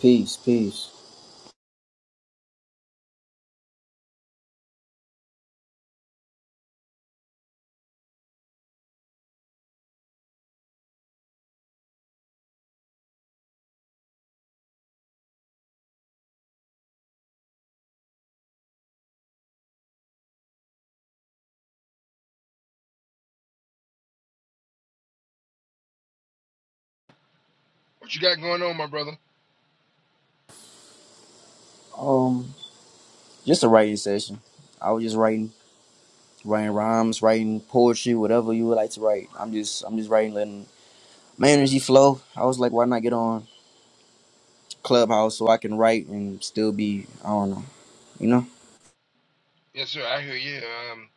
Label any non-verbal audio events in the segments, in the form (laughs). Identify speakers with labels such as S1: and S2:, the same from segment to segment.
S1: Peace, peace.
S2: What you got going on, my brother?
S1: Um, just a writing session. I was just writing, writing rhymes, writing poetry, whatever you would like to write. I'm just, I'm just writing, letting my energy flow. I was like, why not get on Clubhouse so I can write and still be, I don't know, you know.
S2: Yes, sir. I hear you. Um,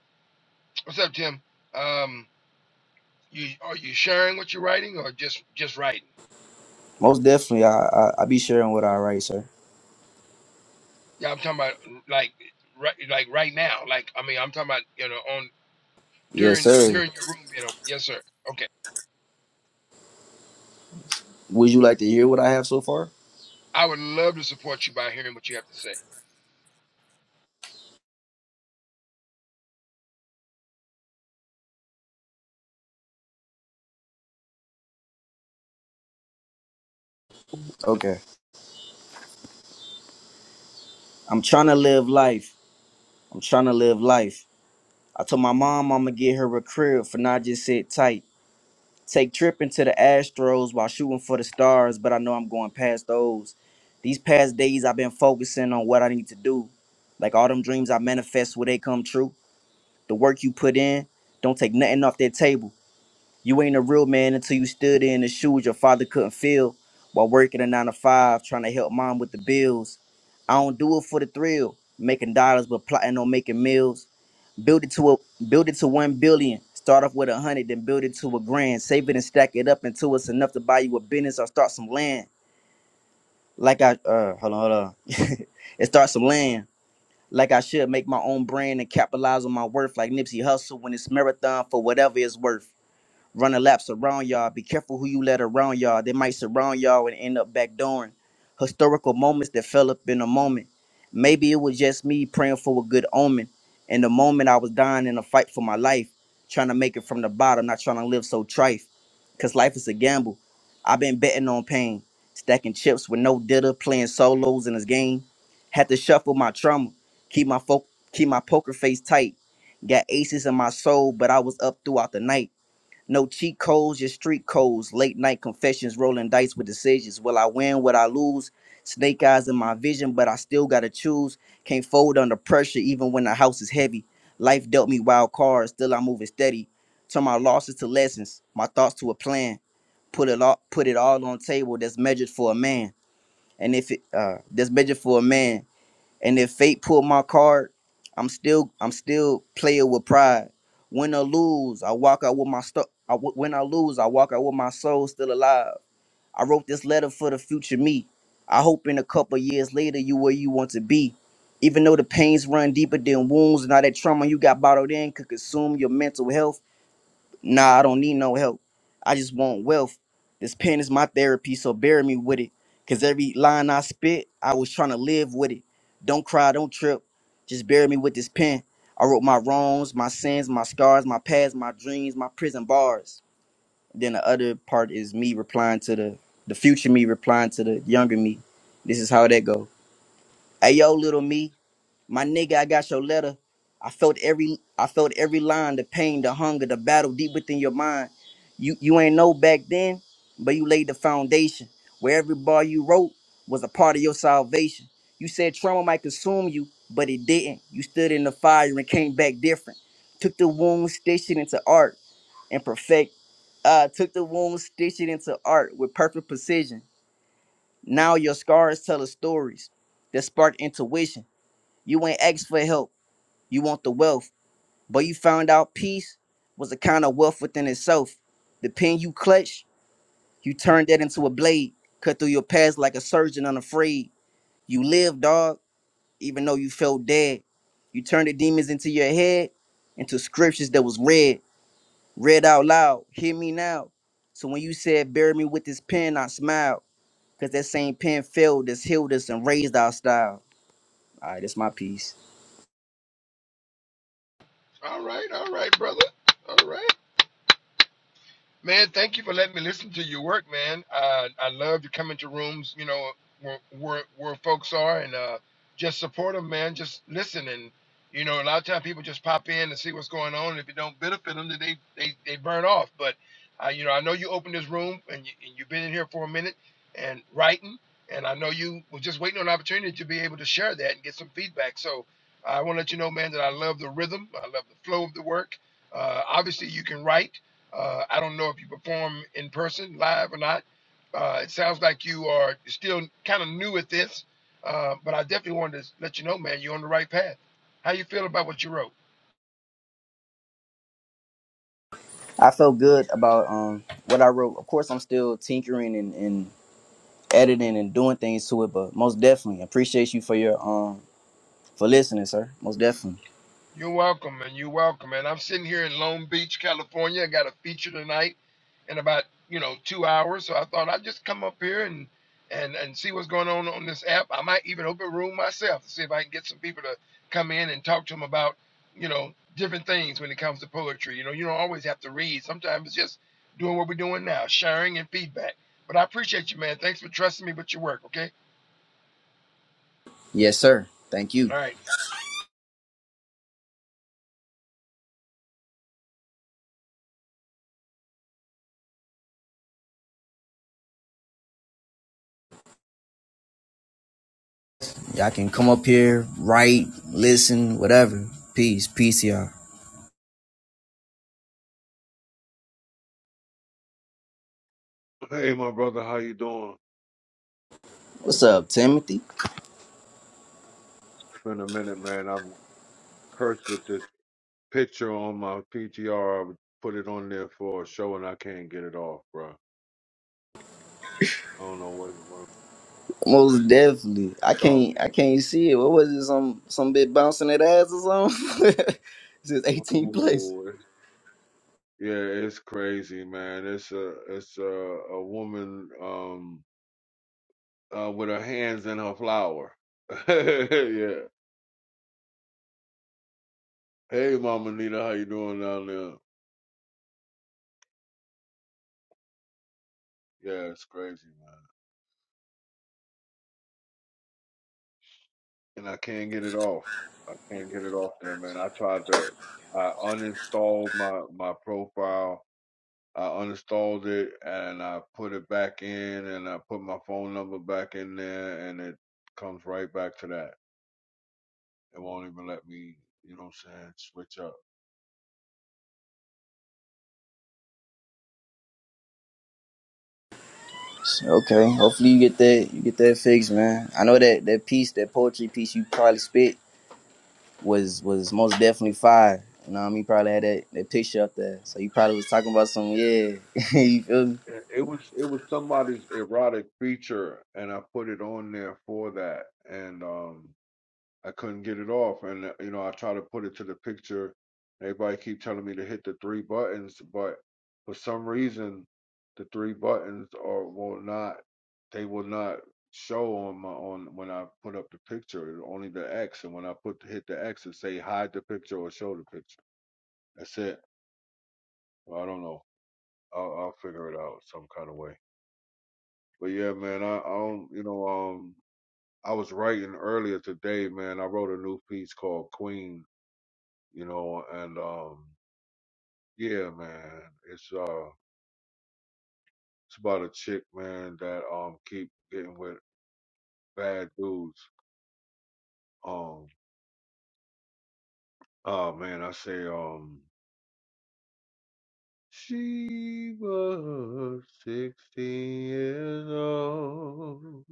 S2: what's up, Tim? Um, you are you sharing what you're writing or just just writing?
S1: Most definitely, I, I, I be sharing what I write, sir.
S2: Yeah, I'm talking about like right like right now. Like I mean, I'm talking about you know on
S1: Yes,
S2: during
S1: sir.
S2: during your room. You know, yes, sir. Okay,
S1: Would you like to hear what I have so far?
S2: I would love to support you by hearing what you have to say.
S1: Okay. I'm trying to live life. I'm trying to live life. I told my mom I'm gonna get her a crib for not just sit tight. Take tripping to the Astros while shooting for the stars, but I know I'm going past those. These past days I've been focusing on what I need to do. Like all them dreams I manifest will they come true. The work you put in, don't take nothing off that table. You ain't a real man until you stood in the shoes your father couldn't fill while working a nine to five trying to help mom with the bills. I don't do it for the thrill, making dollars but plotting on making meals build it to a build it to one billion. Start off with a hundred, then build it to a grand. Save it and stack it up until it's enough to buy you a business or start some land. Like I uh hold on, hold on. (laughs) and start some land. Like I should make my own brand and capitalize on my worth like Nipsey Hussle when it's marathon for whatever it's worth running laps around y'all. Be careful who you let around y'all. They might surround y'all and end up backdooring. Historical moments that fell up in a moment. Maybe it was just me praying for a good omen. In the moment I was dying in a fight for my life, trying to make it from the bottom, not trying to live so trife. Cause life is a gamble. I've been betting on pain, stacking chips with no ditter, playing solos in this game. Had to shuffle my trauma, keep my fo- keep my poker face tight. Got aces in my soul, but I was up throughout the night. No cheat codes, just street codes. Late night confessions, rolling dice with decisions. Will I win? Will I lose? Snake eyes in my vision, but I still gotta choose. Can't fold under pressure, even when the house is heavy. Life dealt me wild cards, still I'm moving steady. Turn my losses to lessons, my thoughts to a plan. Put it all, put it all on table that's measured for a man. And if it uh that's measured for a man, and if fate pulled my card, I'm still I'm still playing with pride. When I lose, I walk out with my stuff. I, w- when I lose, I walk out with my soul still alive. I wrote this letter for the future me. I hope in a couple years later you where you want to be. Even though the pains run deeper than wounds, and all that trauma you got bottled in could consume your mental health. Nah, I don't need no help. I just want wealth. This pen is my therapy, so bury me with it. Cause every line I spit, I was trying to live with it. Don't cry, don't trip. Just bury me with this pen. I wrote my wrongs, my sins, my scars, my past, my dreams, my prison bars. Then the other part is me replying to the the future me replying to the younger me. This is how that go. Hey yo, little me. My nigga, I got your letter. I felt every I felt every line, the pain, the hunger, the battle deep within your mind. You you ain't know back then, but you laid the foundation where every bar you wrote was a part of your salvation. You said trauma might consume you, but it didn't. You stood in the fire and came back different. Took the wound, stitched it into art and perfect. Uh, took the wound, stitched it into art with perfect precision. Now your scars tell us stories that spark intuition. You ain't asked for help. You want the wealth, but you found out peace was a kind of wealth within itself. The pen you clutched, you turned that into a blade, cut through your past like a surgeon unafraid. You lived, dog, even though you felt dead. You turned the demons into your head, into scriptures that was read, read out loud. Hear me now. So when you said, bury me with this pen, I smiled, because that same pen failed us, healed us, and raised our style. All right, that's my piece.
S2: All right, all right, brother. All right. Man, thank you for letting me listen to your work, man. Uh, I love to come into rooms, you know, where where, where folks are and uh, just support them, man. Just listen and you know, a lot of times people just pop in and see what's going on. And if it don't benefit them, then they they, they burn off. But uh, you know, I know you opened this room and, you, and you've been in here for a minute and writing, and I know you were just waiting on an opportunity to be able to share that and get some feedback. So I want to let you know, man, that I love the rhythm. I love the flow of the work. Uh, obviously, you can write. Uh, I don't know if you perform in person, live or not. Uh, it sounds like you are still kind of new at this, uh, but I definitely wanted to let you know, man, you're on the right path. How you feel about what you wrote?
S1: I felt good about um what I wrote. Of course, I'm still tinkering and, and editing and doing things to it, but most definitely appreciate you for your um for listening, sir. Most definitely.
S2: You're welcome, and you're welcome. And I'm sitting here in Lone Beach, California. I got a feature tonight in about you know two hours, so I thought I'd just come up here and and and see what's going on on this app. I might even open a room myself to see if I can get some people to come in and talk to them about you know different things when it comes to poetry. You know, you don't always have to read. Sometimes it's just doing what we're doing now, sharing and feedback. But I appreciate you, man. Thanks for trusting me with your work. Okay.
S1: Yes, sir. Thank you.
S2: All right.
S1: Y'all can come up here, write, listen, whatever. Peace, peace, y'all.
S3: Hey, my brother, how you doing?
S1: What's up, Timothy?
S3: It's been a minute, man. I'm cursed with this picture on my PTR. I would put it on there for a show, and I can't get it off, bro. I don't know what, what
S1: Most
S3: but
S1: definitely. I
S3: it's all
S1: can't I can't see it. What was it? Some some bit bouncing that ass or something? (laughs) this is
S3: good. (laughs)
S1: 18th place.
S3: Ooh, it's- yeah, it's crazy, man. It's a it's a a woman um uh with her hands in her flower. (laughs) yeah. Hey, Mama Nita, how you doing down there? Yeah, it's crazy, man. and I can't get it off. I can't get it off there, man. I tried to, I uninstalled my my profile. I uninstalled it and I put it back in, and I put my phone number back in there, and it comes right back to that. It won't even let me, you know what I'm saying, switch up.
S1: Okay. Hopefully you get that you get that fixed, man. I know that that piece, that poetry piece you probably spit was was most definitely fire. You know what I mean? You probably had that, that picture up there. So you probably was talking about some yeah. (laughs) you feel me?
S3: It it was it was somebody's erotic feature, and I put it on there for that. And um, I couldn't get it off, and uh, you know I try to put it to the picture. Everybody keep telling me to hit the three buttons, but for some reason, the three buttons are will not. They will not show on my on when I put up the picture. It's Only the X, and when I put hit the X, it say hide the picture or show the picture. That's it. Well, I don't know. I'll, I'll figure it out some kind of way. But yeah, man, I, I don't. You know, um, I was writing earlier today, man. I wrote a new piece called Queen you know, and um yeah, man, it's uh it's about a chick, man, that um keep getting with bad dudes. Um oh man, I say um she was sixteen years old.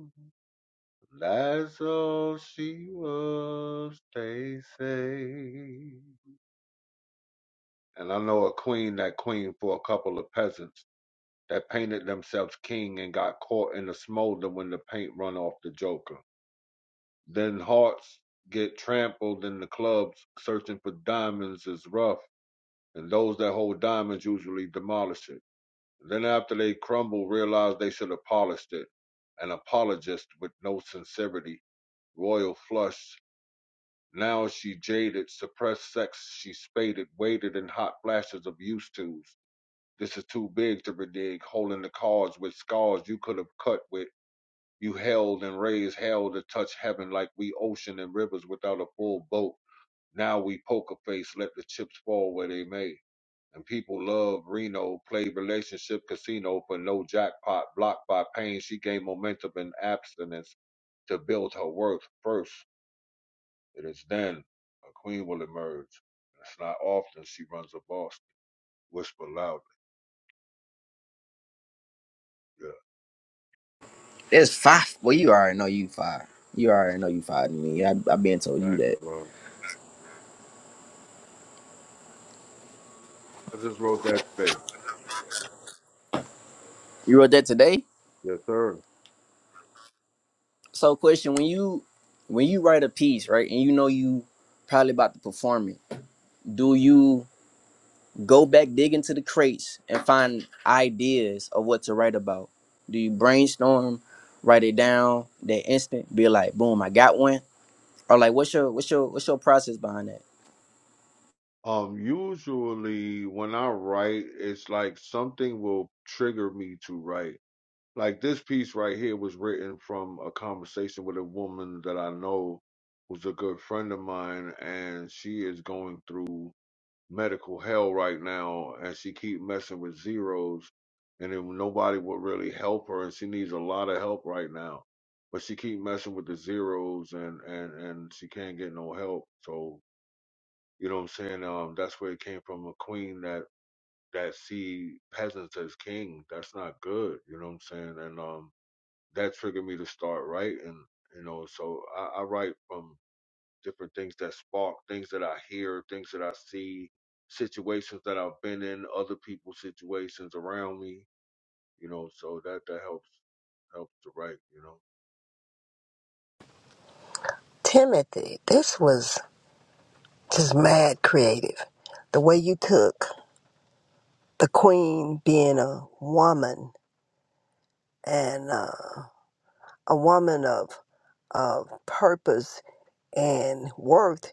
S3: That's all she was, they say. And I know a queen that queen for a couple of peasants that painted themselves king and got caught in the smolder when the paint run off the joker. Then hearts get trampled in the clubs. Searching for diamonds is rough, and those that hold diamonds usually demolish it. Then after they crumble, realize they should have polished it. An apologist with no sincerity. Royal flush. Now she jaded, suppressed sex she spaded, waited in hot flashes of used to's. This is too big to renege, holding the cards with scars you could have cut with you held and raised hell to touch heaven like we ocean and rivers without a full boat. Now we poker face, let the chips fall where they may. And people love Reno, play relationship casino for no jackpot, blocked by pain. She gained momentum and abstinence to build her worth first. It is then a queen will emerge. It's not often she runs a boss. Whisper loudly. Yeah,
S1: It's five. Well you already know you fire. You already know you fire. to me. I I been told you
S3: thanks,
S1: that.
S3: bro. I just wrote that space.
S1: You wrote that today?
S3: Yes, sir.
S1: So question, when you when you write a piece, right, and you know you probably about to perform it, do you Go back, dig into the crates, and find ideas of what to write about. Do you brainstorm, write it down, that instant, be like, boom, I got one? Or like what's your what's your what's your process behind that?
S3: Um, usually when I write, it's like something will trigger me to write. Like this piece right here was written from a conversation with a woman that I know who's a good friend of mine, and she is going through medical hell right now, and she keep messing with zeros, and then nobody will really help her, and she needs a lot of help right now. But she keep messing with the zeros, and and and she can't get no help. So you know what I'm saying? Um, that's where it came from. A queen that that see peasants as king. That's not good. You know what I'm saying? And um, that triggered me to start writing. You know, so I, I write from different things that spark, things that I hear, things that I see, situations that I've been in, other people's situations around me. You know, so that that helps helps to write. You
S4: Timothy, this was just mad creative. The way you took the queen being a woman and uh, a woman of, of purpose and worth,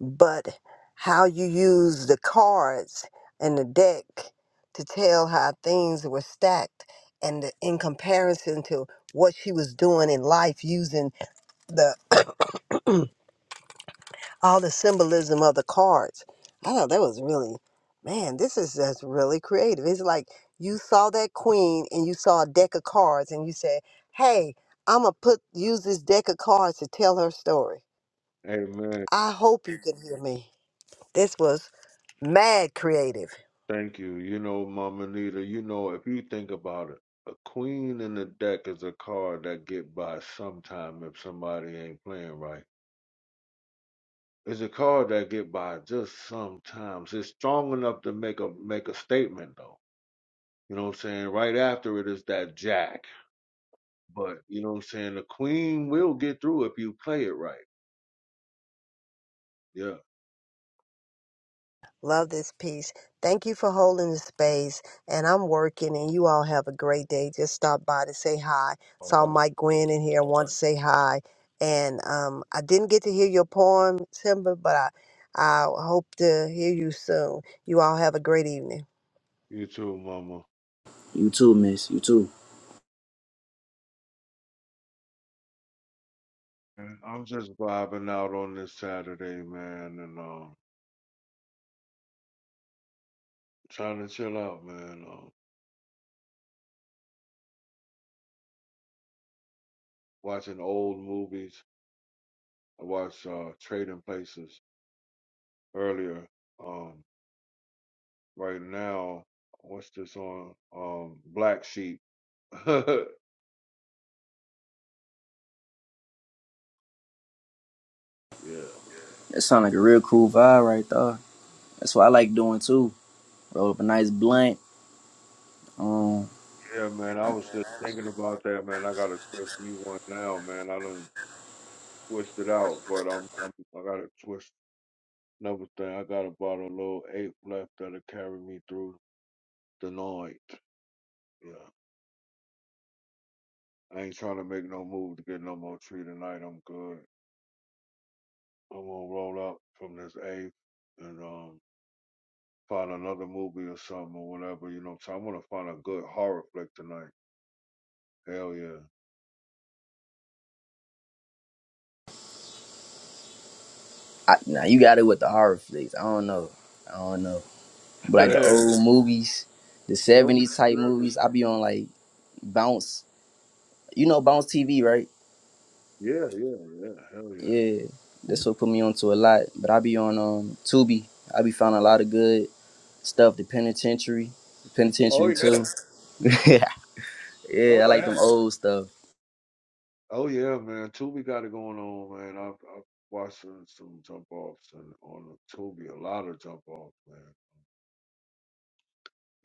S4: but how you use the cards and the deck to tell how things were stacked and the, in comparison to what she was doing in life using the. all the symbolism of the cards. I thought that was really, man, this is just really creative. It's like you saw that queen and you saw a deck of cards and you said, hey, I'm going to put use this deck of cards to tell her story.
S3: know.
S4: I hope you can hear me. This was mad creative.
S3: Thank you. You know, Mama Nita, you know, if you think about it, a queen in the deck is a card that get by sometime if somebody ain't playing right. It's a card that get by just sometimes. It's strong enough to make a make a statement though. You know what I'm saying? Right after it is that jack. But you know what I'm saying? The queen will get through if you play it right. Yeah.
S4: Love this piece. Thank you for holding the space. And I'm working, and you all have a great day. Just stop by to say hi. Saw
S3: Okay.
S4: Mike Gwynn in here, want to say hi. And um, I didn't get to hear your poem, Simba, but I, I hope to hear you soon. You all have a great evening.
S3: You too, mama.
S1: You too, miss, you too.
S3: And I'm just vibing out on this Saturday, man, and um trying to chill out, man. Um watching old movies. I watched uh, Trading Places earlier. Um, right now, what's this on? Um, Black Sheep. (laughs) yeah, yeah,
S1: That sound like a real cool vibe right there. That's what I like doing too. Roll up a nice blunt. Um
S3: man. I was just thinking about that, man. I gotta twist me one now, man. I done twist it out, but I'm, I'm I gotta twist another thing. I got about a little ape left that'll carry me through the night. Yeah, I ain't trying to make no move to get no more tree tonight. I'm good. I'm gonna roll up from this eighth and um find another movie or something or whatever, you know. So I'm gonna find a good horror flick tonight. Hell
S1: I, now you got it with the horror flicks. I don't know. I don't know.
S3: yeah.
S1: But like the
S3: (laughs)
S1: old movies, the
S3: Don't be
S1: seventies type
S3: scared.
S1: movies, I be on like bounce you know bounce TV, right?
S3: Yeah, yeah, yeah. Hell yeah.
S1: Yeah, that's what put me onto a lot. But I be on um Tubi. I be finding a lot of good stuff. The Penitentiary, the
S3: Oh
S1: Penitentiary
S3: yeah.
S1: too. (laughs)
S3: Oh
S1: yeah, I like
S3: yeah.
S1: them old stuff
S3: Oh yeah, man. Tubi got it going on, man. I've I've watched some some jump offs and on Tubi, a lot of jump offs, man.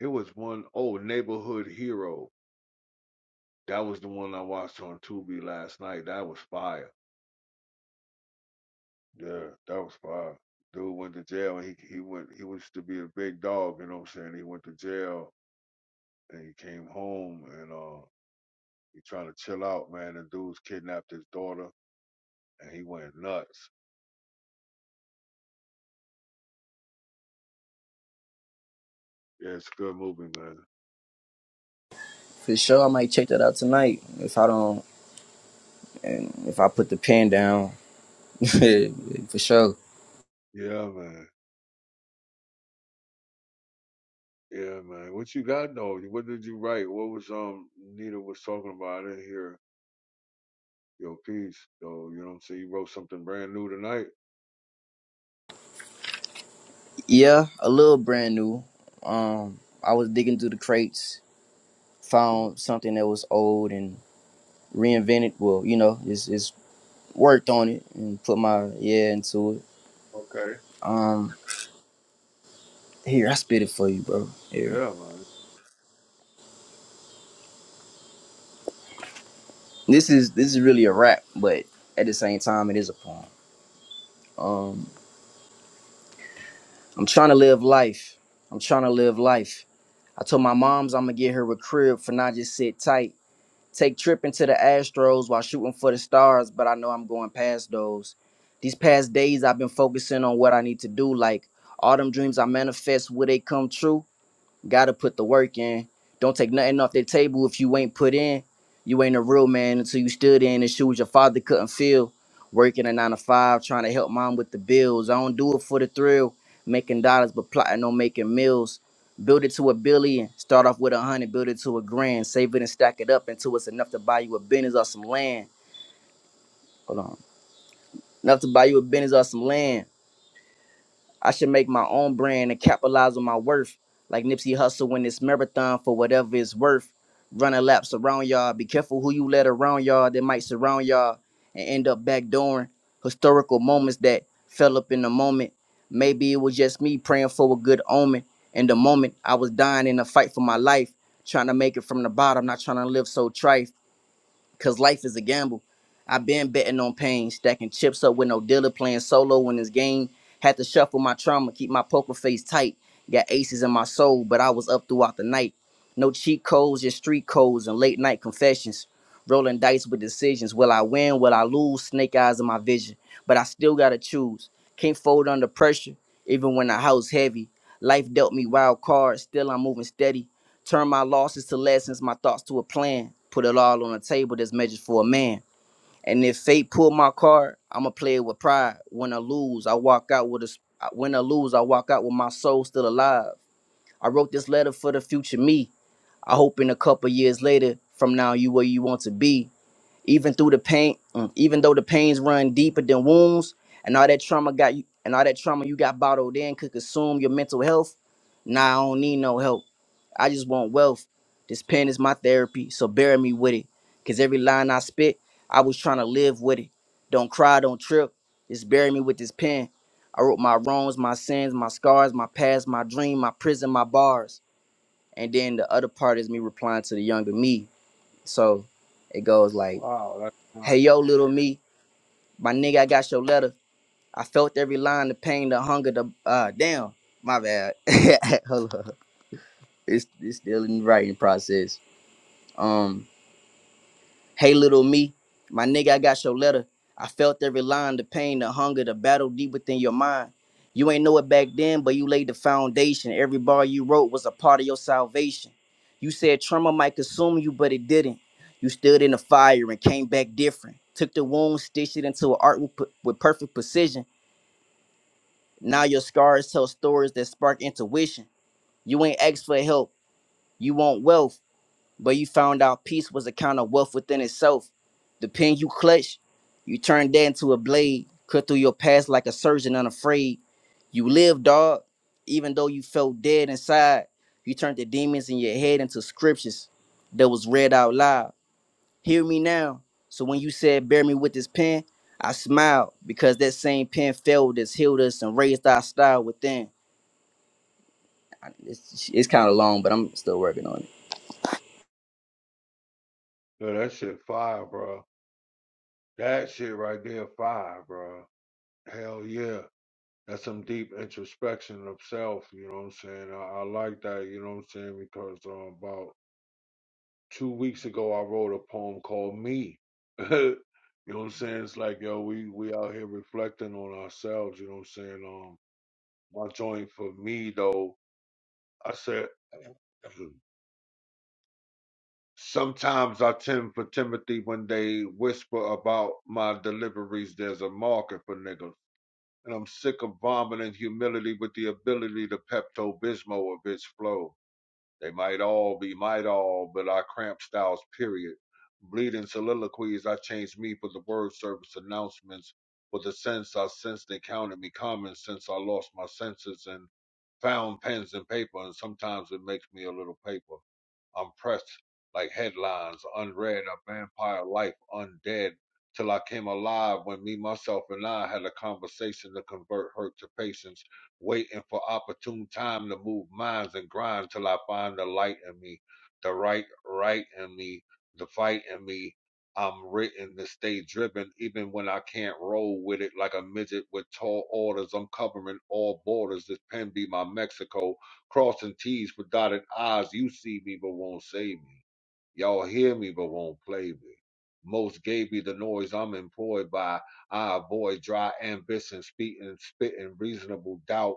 S3: It was one oh Neighborhood Hero. That was the one I watched on Tubi last night. That was fire. Yeah, that was fire. Dude went to jail. and He he went. He was to be a big dog. You know what I'm saying? He went to jail and he came home and uh he trying to chill out, man. The dudes kidnapped his daughter and he went nuts. Yeah, it's a good movie, man.
S1: for sure. I might check that out tonight if I don't and if I put the pen down (laughs) for sure.
S3: Yeah, man. Yeah, man. What you got though? What did you write? What was um Nita was talking about? I didn't hear your piece though. You know what I'm saying? You wrote something brand new tonight.
S1: Yeah, a little brand new. Um, I was digging through the crates, found something that was old and reinvented. Well, you know, it's it's worked on it and put my yeah into it.
S3: Okay.
S1: Um. Here, I spit it for you, bro. Here.
S3: Yeah, man.
S1: This is this is really a rap, but at the same time it is a poem. Um I'm trying to live life. I'm trying to live life. I told my moms I'm gonna get her a crib for not just sit tight. Take trip into the Astros while shooting for the stars, but I know I'm going past those. These past days I've been focusing on what I need to do, like all them dreams I manifest, will they come true? Gotta put the work in. Don't take nothing off the table if you ain't put in. You ain't a real man until you stood in the shoes your father couldn't fill. Working a nine to five, trying to help mom with the bills. I don't do it for the thrill, making dollars but plotting on making meals. Build it to a billion, start off with a hundred, build it to a grand, save it and stack it up until it's enough to buy you a business or some land. Hold on, enough to buy you a business or some land. I should make my own brand and capitalize on my worth. Like Nipsey Hussle in this marathon for whatever it's worth. Running laps around y'all. Be careful who you let around y'all that might surround y'all and end up backdooring historical moments that fell up in the moment. Maybe it was just me praying for a good omen. In the moment, I was dying in a fight for my life, trying to make it from the bottom, not trying to live so trite. Cause life is a gamble. I've been betting on pain, stacking chips up with no dealer, playing solo in this game. Had to shuffle my trauma, keep my poker face tight. Got aces in my soul, but I was up throughout the night. No cheat codes, just street codes and late night confessions. Rolling dice with decisions. Will I win? Will I lose? Snake eyes in my vision. But I still gotta choose. Can't fold under pressure, even when the house heavy. Life dealt me wild cards, still I'm moving steady. Turn my losses to lessons, my thoughts to a plan. Put it all on a table that's measured for a man. And if fate pull my card, I'ma play it with pride. When I lose, I walk out with a. When I lose, I walk out with my soul still alive. I wrote this letter for the future me. I hope in a couple years later, from now you where you want to be. Even through the pain, mm, even though the pains run deeper than wounds, and all that trauma got you, and all that trauma you got bottled in could consume your mental health. Nah, I don't need no help. I just want wealth. This pen is my therapy, so bury me with it. Cause every line I spit, I was trying to live with it. Don't cry, don't trip. Just bury me with this pen. I wrote my wrongs, my sins, my scars, my past, my dream, my prison, my bars. And then the other part is me replying to the younger me. So it goes like,
S3: Wow, that's nice.
S1: hey yo, little me, my nigga, I got your letter. I felt every line, the pain, the hunger, the uh damn, my bad. (laughs) Hold on. It's it's still in the writing process. Um Hey, little me, my nigga, I got your letter. I felt every line, the pain, the hunger, the battle deep within your mind. You ain't know it back then, but you laid the foundation. Every bar you wrote was a part of your salvation. You said trauma might consume you, but it didn't. You stood in the fire and came back different. Took the wound, stitched it into an art with, p- with perfect precision. Now your scars tell stories that spark intuition. You ain't asked for help, you want wealth but you found out peace was a kind of wealth within itself. The pen you clutched, you turned that into a blade, cut through your past like a surgeon unafraid. You lived, dog, even though you felt dead inside. You turned the demons in your head into scriptures that was read out loud. Hear me now. So when you said, Bear me with this pen, I smiled because that same pen failed us, healed us, and raised our style within. I- It's, it's kind of long, but I'm still working on it.
S3: Yeah, that shit fire, bro. That shit right there, five, bro. Hell yeah. That's some deep introspection of self, you know what I'm saying? I, I like that, you know what I'm saying? Because uh, about two weeks ago, I wrote a poem called Me. (laughs) you know what I'm saying? It's like, yo, we, we out here reflecting on ourselves, you know what I'm saying? Um, My joint for me, though, I said, (clears throat) sometimes I tend for Timothy when they whisper about my deliveries, there's a market for niggas. and I'm sick of vomiting humility with the ability to Pepto Bismol of its flow. They might all be might all, but I cramp styles, period. Bleeding soliloquies, I change me for the word service announcements, for the sense I sensed they counted me common since I lost my senses and found pens and paper, and sometimes it makes me a little paper. I'm pressed like headlines, unread, a vampire life, undead, till I came alive when me, myself, and I had a conversation to convert hurt to patience, waiting for opportune time to move minds and grind till I find the light in me, the right, right in me, the fight in me. I'm written to stay driven even when I can't roll with it like a midget with tall orders. I'm covering all borders. This pen be my Mexico crossing T's with dotted I's. You see me but won't say me. Y'all hear me but won't play me. Most gave me the noise I'm employed by. I avoid dry ambition, speaking, spitting reasonable doubt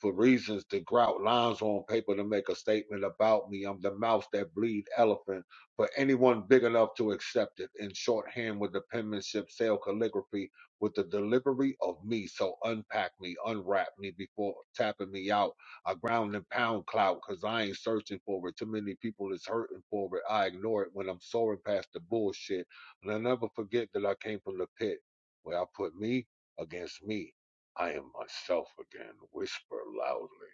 S3: for reasons to grout lines on paper to make a statement about me. I'm the mouse that bleed elephant for anyone big enough to accept it in shorthand with the penmanship, sale calligraphy, with the delivery of me. So unpack me, unwrap me before tapping me out. I ground and pound clout because I ain't searching for it. Too many people is hurting for it. I ignore it when I'm soaring past the bullshit. And I never forget that I came from the pit where I put me against me. I am myself again. Whisper loudly.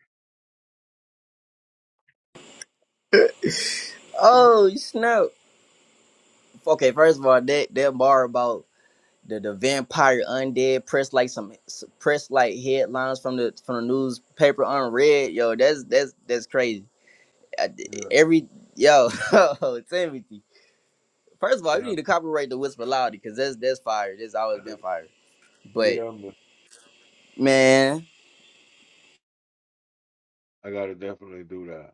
S1: Oh, snap. Okay, first of all, that that bar about the, the vampire undead press like some press like headlines from the from the newspaper unread. Yo, that's that's that's crazy. I-
S3: Yeah,
S1: Every yo, (laughs) Timothy. First of all, you
S3: yeah,
S1: need to copyright the whisper loudly because that's that's fire. That's always been
S3: man.
S1: fire. But
S3: yeah, man.
S1: man,
S3: I gotta definitely do that.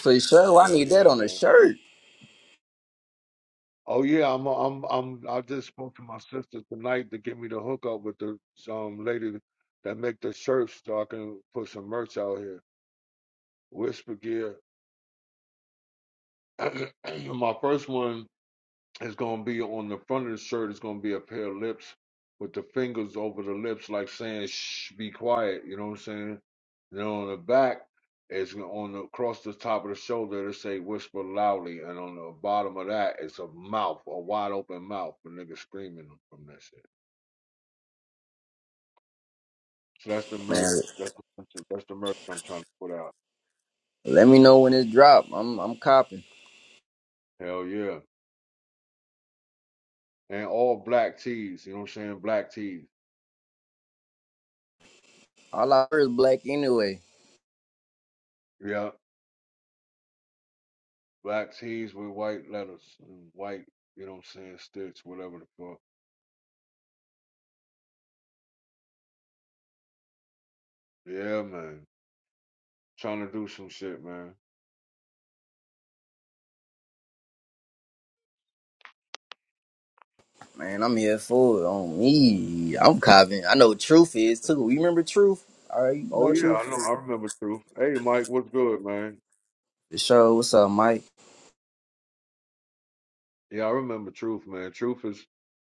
S1: for sure, I
S3: Hell
S1: need that
S3: yeah,
S1: on a
S3: man.
S1: shirt,
S3: Oh yeah, I'm, I'm, I'm. I just spoke to my sister tonight to get me the hookup with the some lady that make the shirts so I can put some merch out here. Whisper gear. (clears throat) my first one It's gonna be on the front of the shirt. It's gonna be a pair of lips with the fingers over the lips, like saying "Shh, be quiet." You know what I'm saying? Then on the back, it's on the across the top of the shoulder. It'll say "Whisper loudly," and on the bottom of that, it's a mouth, a wide open mouth for niggas screaming from that shit. So that's the merch.
S1: man.
S3: That's the- that's the merch I'm trying to put out.
S1: Let me know when it drop. I'm I'm copping.
S3: Hell yeah! And all black tees. You know what I'm saying? Black tees.
S1: All I heard is black anyway.
S3: Yeah. black tees with white letters and white, you know what I'm saying, sticks, whatever the fuck. Yeah, man. Trying to do some shit, man.
S1: Man, I'm here for it on me. I'm copping. I know what truth is too. You remember truth? All right, you
S3: Oh
S1: know
S3: yeah, I
S1: truth.
S3: know. I remember Truth. Hey, Mike, what's good, man?
S1: For sure. What's up, Mike?
S3: Yeah, I remember Truth, man. Truth is,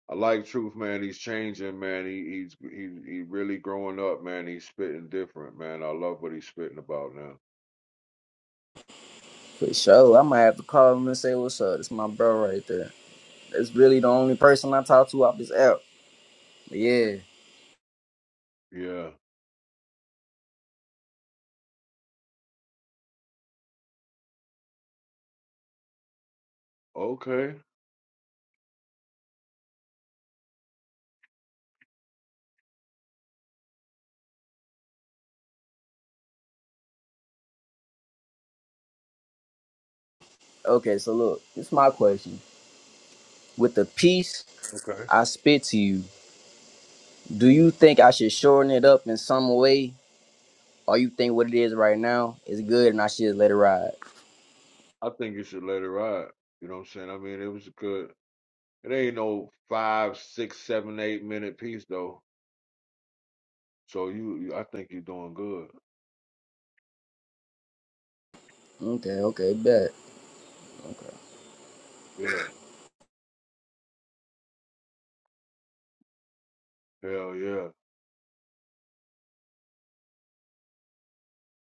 S3: I like Truth, man. He's changing, man. He he's he he really growing up, man. He's spitting different, man. I love what he's spitting about now.
S1: For sure. I might have to call him and say what's up. That's my bro right there. That's really the only person I talk to off this app. But yeah.
S3: Yeah. Okay.
S1: Okay, so look, this is my question. With the peace
S3: Okay.
S1: I spit to you, do you think I should shorten it up in some way, or you think what it is right now is good and I should let it ride?
S3: I think you should let it ride. You know what I'm saying? I mean, it was a good. It ain't no five, six, seven, eight minute piece though. So you, you I think you're doing good.
S1: Okay, okay, bet. (laughs)
S3: Yeah, hell yeah,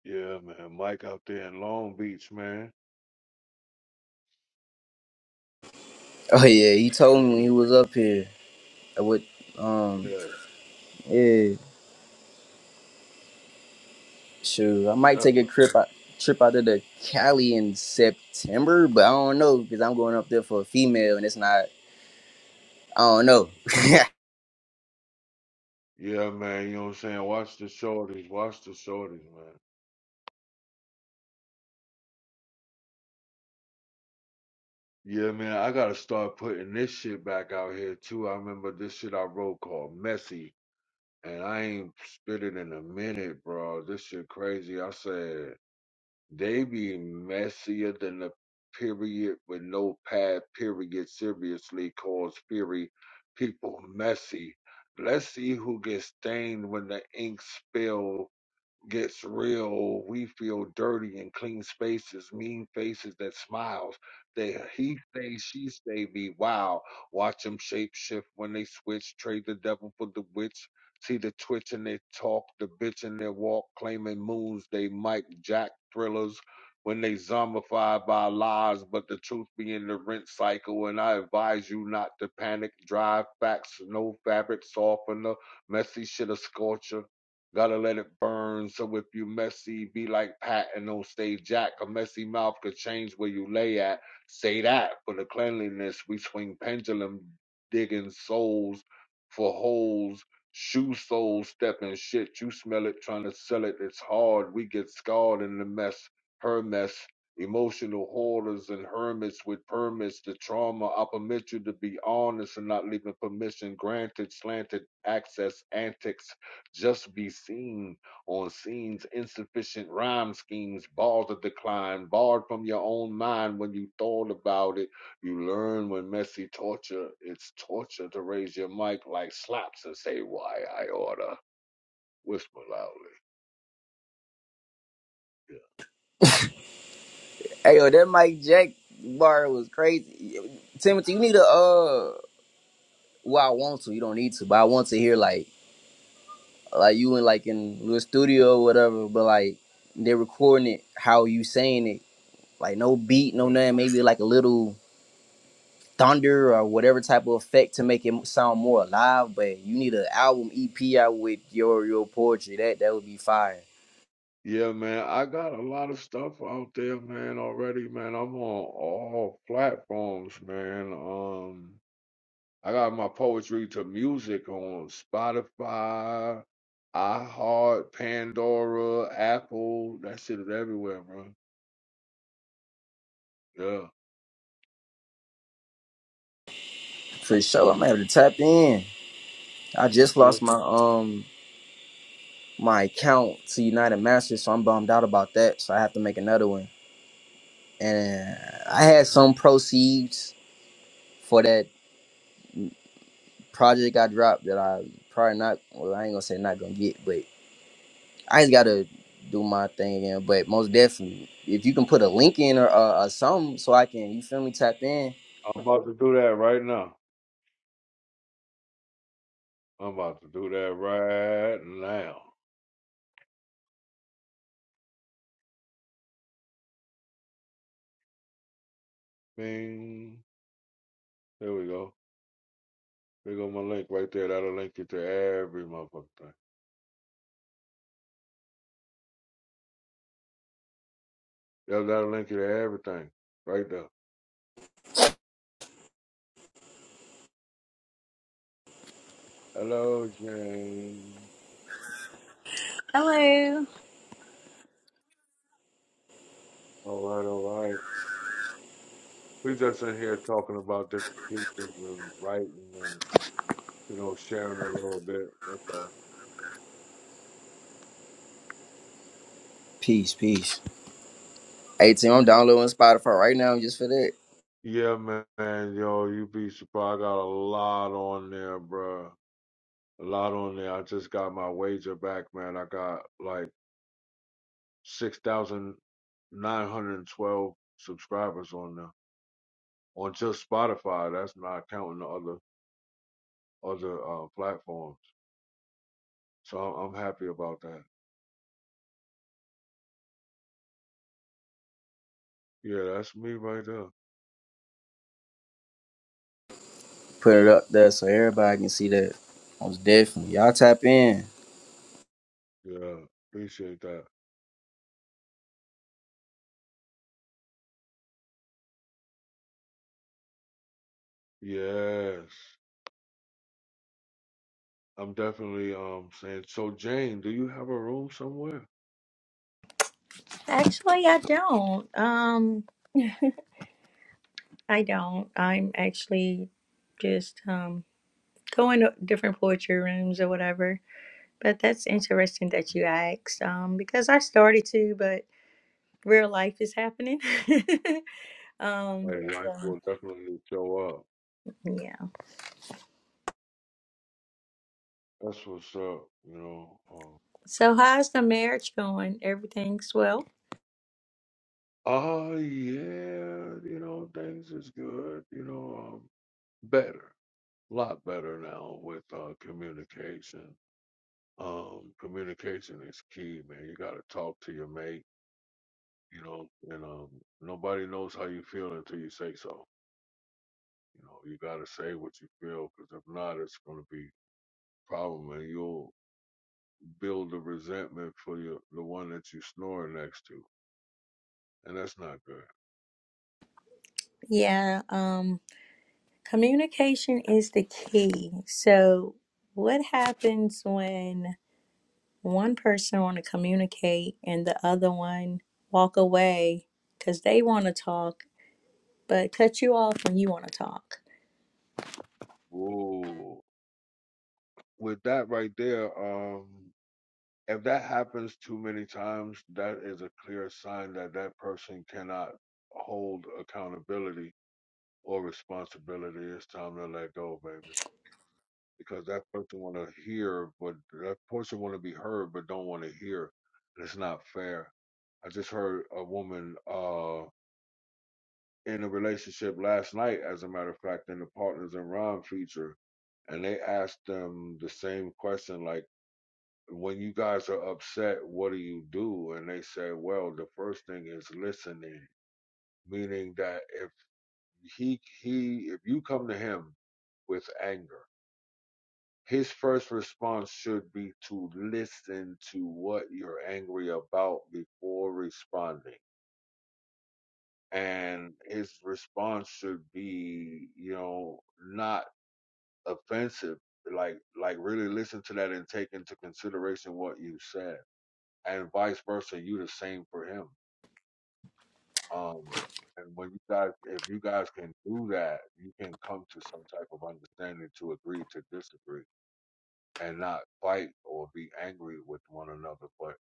S3: yeah, man. Mike out there in Long Beach, man,
S1: Oh yeah, he told me
S3: looking
S1: when
S3: at
S1: he was
S3: the
S1: up here. I would, um
S3: yeah,
S1: yeah, sure. I might
S3: that's
S1: take a
S3: what I'm-
S1: trip
S3: doing.
S1: out trip out to the Cali in September, but I don't know because I'm going up there for a female and it's not I don't know. (laughs) hey
S3: yeah, man. You know what I'm saying? Watch the shorties, watch the shorties, man. Yeah, man. I gotta start putting this shit back out here too. I remember this shit I wrote called Messy, and I ain't spit it in a minute, bro. This shit crazy. I said. They be messier than the period with no pad period seriously calls fury people messy. Let's see who gets stained when the ink spill gets real, we feel dirty in clean spaces, mean faces that smiles. They he say she say be wow. Watch them shape shift when they switch, trade the devil for the witch. See the twitch in their talk, the bitch in their walk, claiming moons they Mike Jack thrillers. When they zombified by lies, but the truth be in the rent cycle, and I advise you not to panic. Drive facts, no fabric softener, messy shit a scorcher. Gotta let it burn. So if you messy, be like Patton on stage Jack. A messy mouth could change where you lay at. Say that for the cleanliness. We swing pendulum, digging souls for holes. Shoe sole stepping shit. You smell it, trying to sell it. It's hard. We get scarred in the mess. Her mess. Emotional hoarders and hermits with permits. The trauma. I permit you to be honest and not leaving permission granted. Slanted access. Antics just be seen on scenes, insufficient rhyme schemes, bars of decline, barred from your own mind when you thought about it. You learn when messy torture, it's torture to raise your mic like slaps and say, Why I oughta whisper loudly.
S1: yo, that Mike Jack bar was crazy. Timothy, you need to uh well I want to, you don't need to, but I want to hear like like you in like in your studio or whatever, but like they're recording it how you saying it. Like no beat,
S3: Yeah.
S1: no
S3: Yeah.
S1: nothing, maybe like a little thunder or whatever type of effect to make it sound more alive. But you need an album EP out with your your poetry. That that would be fire
S3: Yeah, man, I got a lot of stuff out there, man, already, man. I'm on all platforms, man. Um, I got my poetry to music on Spotify, iHeart, Pandora, Apple. That shit is everywhere, bro. Yeah.
S1: for sure. I'm gonna have to tap in. I just
S3: Yes,
S1: lost my um my account to United Masters, so I'm bummed out about that. So I have to make another one. And I
S3: man.
S1: had some proceeds for that project I dropped that I probably not. Well, I ain't gonna say not gonna get, but. I just gotta do my thing again. But most definitely, if you can put a link in or uh, or something, so I can you feel me tap in.
S3: I'm about to do that right now. I'm about to do that right now. Bing. There we go. There go my link right there. That'll link you to every motherfucking thing. Yeah, that'll link you to everything. Right there. Hello, Jane.
S5: Hello.
S3: All right, all right. We just in here talking about different pieces and writing and, you know, sharing a little bit. That's all.
S1: Peace, peace. Hey team, I'm downloading Spotify right now just for that.
S3: Yeah, man, yo, you be surprised. I got a lot on there, bruh. A lot on there. I just got my wager back, man. I got like 6,912 subscribers on there on just Spotify. That's not counting the other other uh, platforms. So I'm, I'm happy about that. Yeah, that's me right there.
S1: Put it up there so everybody can see that. Most definitely, y'all tap in.
S3: Yeah, appreciate that. Yes, I'm definitely um saying. So Jane, do you have a room somewhere?
S5: Actually, I don't. Um, I don't. I'm actually just um going to different poetry rooms or whatever. But that's interesting that you asked. Um, because I started to, but real life is happening. (laughs) um,
S3: Hey, life
S5: so,
S3: will definitely show up.
S5: yeah.
S3: That's what's up, you know. Um,
S5: So how's the marriage going? Everything's well?
S3: oh yeah, you know things is good. You know, um, better, a lot better now with uh, communication. Um, communication is key, man. You got to talk to your mate, you know, and um, nobody knows how you feel until you say so. You know, you got to say what you feel, because if not, it's going to be a problem, and you'll build a resentment for your, the one that you snoring next to, and that's not good.
S5: Yeah. Um, communication is the key. So what happens when? one person want to communicate and the other one walk away because they want to talk, but cut you off when you want to talk.
S3: Whoa. with that right there, um, if that happens too many times, that is a clear sign that that person cannot hold accountability or responsibility. It's time to let go, baby, because that person want to hear, but that person want to be heard, but don't want to hear. It's not fair. I just heard a woman uh, in a relationship last night, as a matter of fact, in the Partners in Rhyme feature, and they asked them the same question, like when you guys are upset, what do you do? And they say, well, the first thing is listening, meaning that if he he if you come to him with anger, his first response should be to listen to what you're angry about before responding. And his response should be, you know, not offensive. Like like really listen to that and take into consideration what you said. And vice versa, you the same for him Um, and when you guys, if you guys can do that, you can come to some type of understanding to agree to disagree and not fight or be angry with one another. But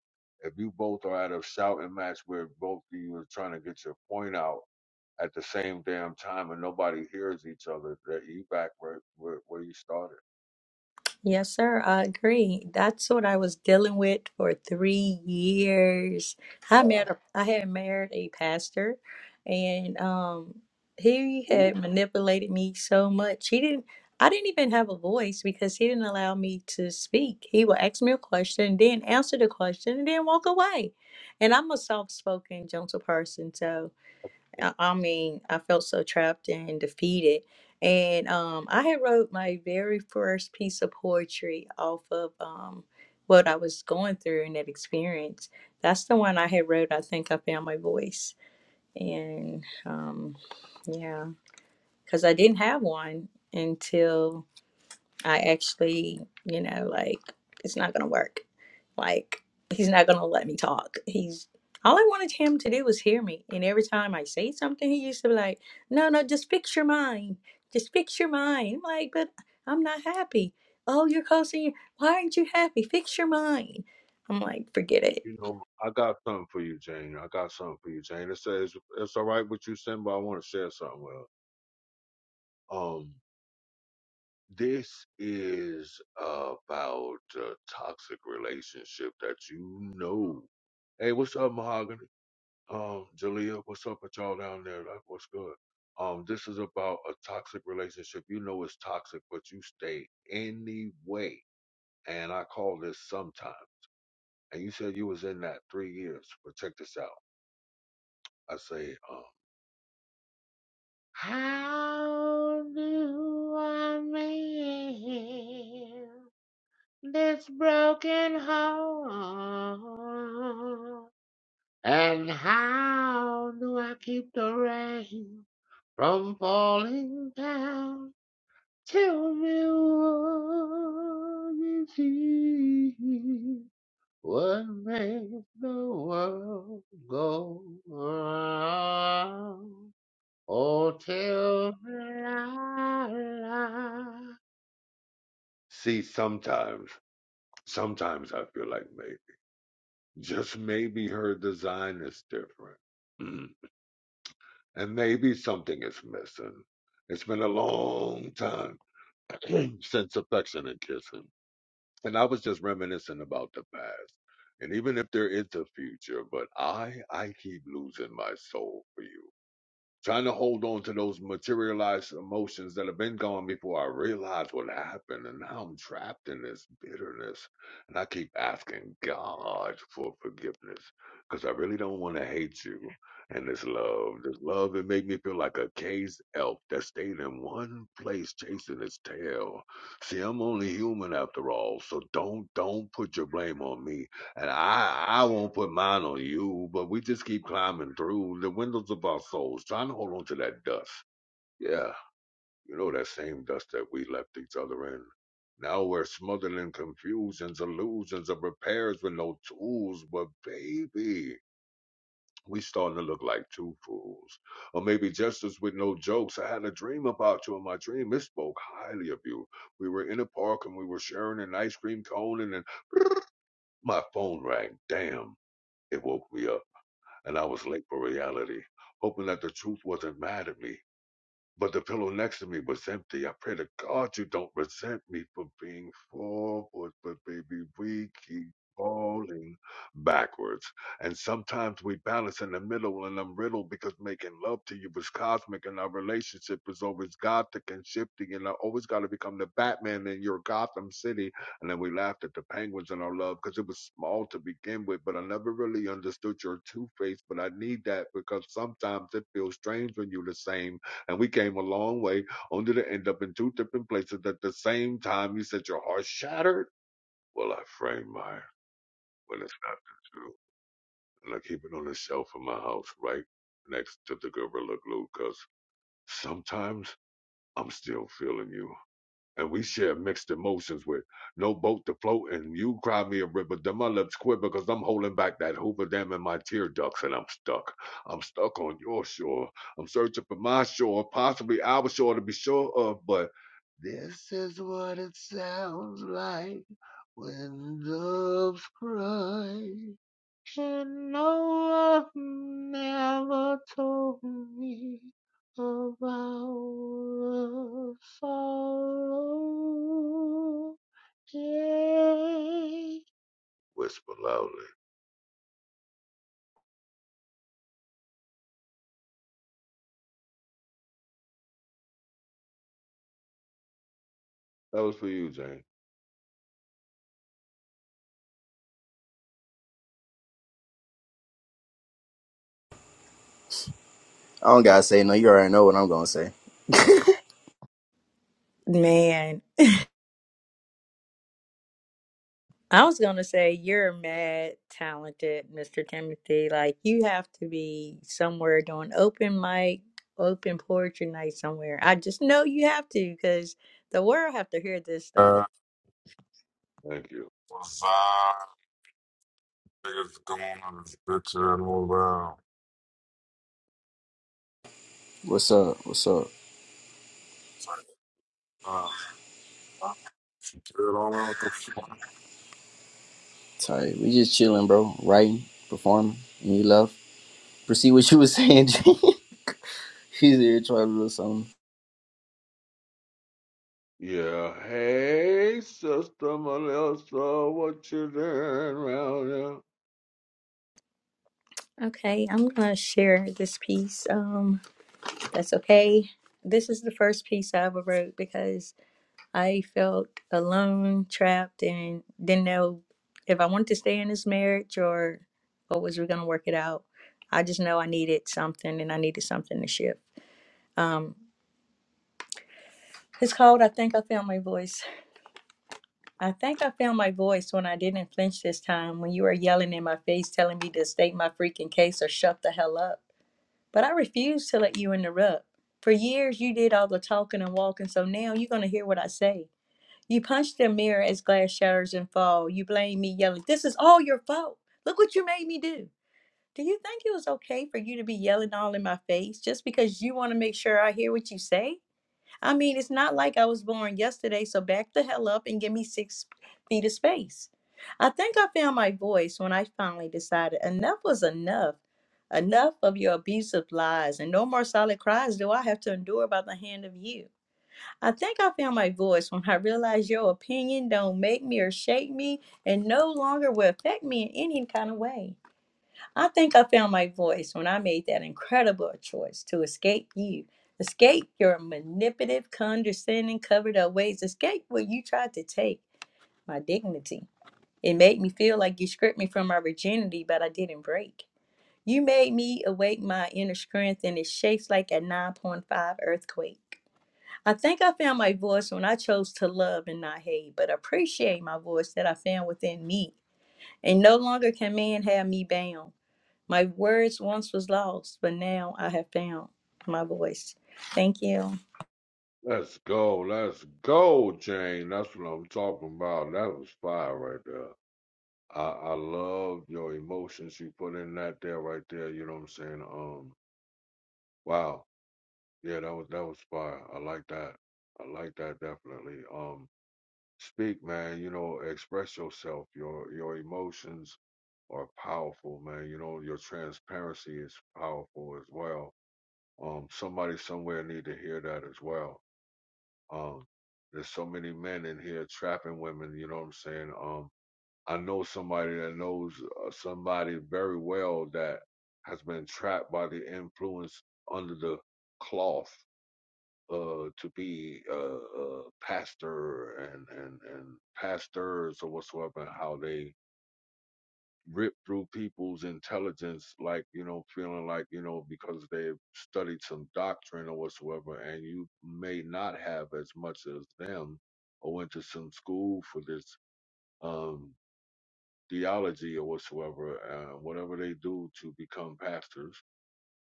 S3: if you both are at a shouting match where both of you are trying to get your point out at the same damn time and nobody hears each other, that you back where, where, where you started.
S5: Yes, sir. I agree. That's what I was dealing with for three years. I met
S3: Wow.
S5: a, I had married a pastor, and um, he
S3: Ooh.
S5: had manipulated me so much. He didn't. I didn't even have a voice because he didn't allow me to speak. He would ask me a question, then answer the question, and then walk away. And I'm a soft-spoken, gentle person, so. I, I mean, I felt so trapped and defeated. And um, I had wrote my very first piece of poetry off of um, what I was going through in that experience. That's the one I had wrote. I think I found my voice, and um, yeah, because I didn't have one until I actually, you know, like it's not gonna work. Like he's not gonna let me talk. He's all I wanted him to do was hear me. And every time I say something, he used to be like, "No, no, just fix your mind. Just fix your mind." I'm like, but I'm not happy. Oh, you're causing. Why aren't you happy? Fix your mind. I'm like, forget it,
S3: You know, I got something for you, Jane. I got something for you, Jane. It says it's all right with you, Sin, but I want to share something with her. Um, This is about a toxic relationship that you know. Hey, what's up, Mahogany? Um, Jalea, what's up with y'all down there? Like, what's good? Um, this is about a toxic relationship. You know it's toxic, but you stay anyway. And I call this sometime. And you said you was in that three years, but check this out. I say, um, how do I make this broken heart. And how do I keep the rain from falling down? Tell me what is it? What makes the world go round? Oh, tell me, la, la. See, sometimes, sometimes I feel like me. Just maybe her design is different. Mhm. And maybe something is missing. It's been a long time (clears throat) since affection and kissing. And I was just reminiscing about the past. And even if there is a future, but I, I keep losing my soul for you trying to hold on to those materialized emotions that have been gone before I realized what happened. And now I'm trapped in this bitterness. And I keep asking God for forgiveness because I really don't want to hate you. And this love, this love, it made me feel like a caged elk that stayed in one place chasing its tail. See, I'm only human after all, so don't, don't put your blame on me. And I, I won't put mine on you, but we just keep climbing through the windows of our souls, trying to hold on to that dust. Yeah, you know that same dust that we left each other in. Now we're smothered in confusions, illusions of repairs with no tools, but baby, we starting to look like two fools. Or maybe justice with no jokes. I had a dream about you, and my dream it spoke highly of you. We were in a park and we were sharing an ice cream cone, and then (laughs) my phone rang. Damn. It woke me up, and I was late for reality, hoping that the truth wasn't mad at me. But the pillow next to me was empty. I pray to God you don't resent me for being forward, but baby, we keep falling backwards. And sometimes we balance in the middle, and I'm riddled because making love to you was cosmic, and our relationship is always gothic and shifting, and I always got to become the Batman in your Gotham City. And then we laughed at the penguins in our love because it was small to begin with, but I never really understood your two face. But I need that because sometimes it feels strange when you're the same and we came a long way only to end up in two different places at the same time. You said your heart shattered. Well, I framed mine when it's not the truth. And I keep it on the shelf in my house right next to the Gorilla Glue because sometimes I'm still feeling you and we share mixed emotions with no boat to float and you cry me a river then my lips quiver because i'm holding back that hoover dam in my tear ducts and i'm stuck i'm stuck on your shore i'm searching for my shore possibly our shore to be sure of but this is what it sounds like when doves cry and no love never told me of our Father. yeah. Whisper loudly. That was for you, Jane.
S1: I don't gotta say no. You already know what I'm gonna say.
S5: man. I was gonna say you're mad talented, Mr. Timothy. Like you have to be somewhere doing open mic, open poetry night somewhere. I just know you have to because the world have to hear this stuff.
S6: Uh,
S3: Thank you.
S6: what's up? Niggas come on this bitch and move out.
S1: What's up? What's up?
S6: It's like, uh, uh, get on out the fuck.
S1: Tight. We just chilling, bro. Writing, performing, and you love. Proceed what you was saying. (laughs) G. She's here trying to do something.
S3: Yeah, hey, Sister Melissa, what you doing round here?
S5: Okay, I'm gonna share this piece. Um, that's okay. This is the first piece I ever wrote because I felt alone, trapped, and didn't know if I wanted to stay in this marriage or or was we gonna work it out. I just know I needed something and I needed something to shift. Um, it's called I Think I Found My Voice. I think I found my voice when I didn't flinch this time, when you were yelling in my face telling me to state my freaking case or shut the hell up. But I refused to let you interrupt. For years you did all the talking and walking, so now you're gonna hear what I say. You punch the mirror as glass shatters and fall. You blame me, yelling, This is all your fault. Look what you made me do. Do you think it was okay for you to be yelling all in my face just because you want to make sure I hear what you say? I mean, it's not like I was born yesterday, so back the hell up and give me six feet of space. I think I found my voice when I finally decided enough was enough. Enough of your abusive lies, and no more solid cries do I have to endure by the hand of you. I think I found my voice when I realized your opinion don't make me or shake me and no longer will affect me in any kind of way. I think I found my voice when I made that incredible choice to escape you, escape your manipulative, condescending, covered up ways, escape what you tried to take, my dignity. It made me feel like you stripped me from my virginity, but I didn't break. You made me awake my inner strength and it shakes like a 9.5 earthquake. I think I found my voice when I chose to love and not hate, but appreciate my voice that I found within me. And no longer can man have me bound. My words once was lost, but now I have found my voice. Thank you.
S3: Let's go, let's go, Jane. That's what I'm talking about. That was fire right there. I, I love your emotions you put in that there right there. You know what I'm saying? Um, wow. Yeah, that was that was fire. I like that. I like that definitely. Um, speak, man. You know, express yourself. Your your emotions are powerful, man. You know, your transparency is powerful as well. Um, somebody somewhere need to hear that as well. Um, there's so many men in here trapping women. You know what I'm saying? Um, I know somebody that knows uh, somebody very well that has been trapped by the influence under the cloth uh, to be a, a pastor and, and, and pastors or whatsoever, and how they rip through people's intelligence, like, you know, feeling like, you know, because they've studied some doctrine or whatsoever, and you may not have as much as them or went to some school for this um, theology or whatsoever, uh, whatever they do to become pastors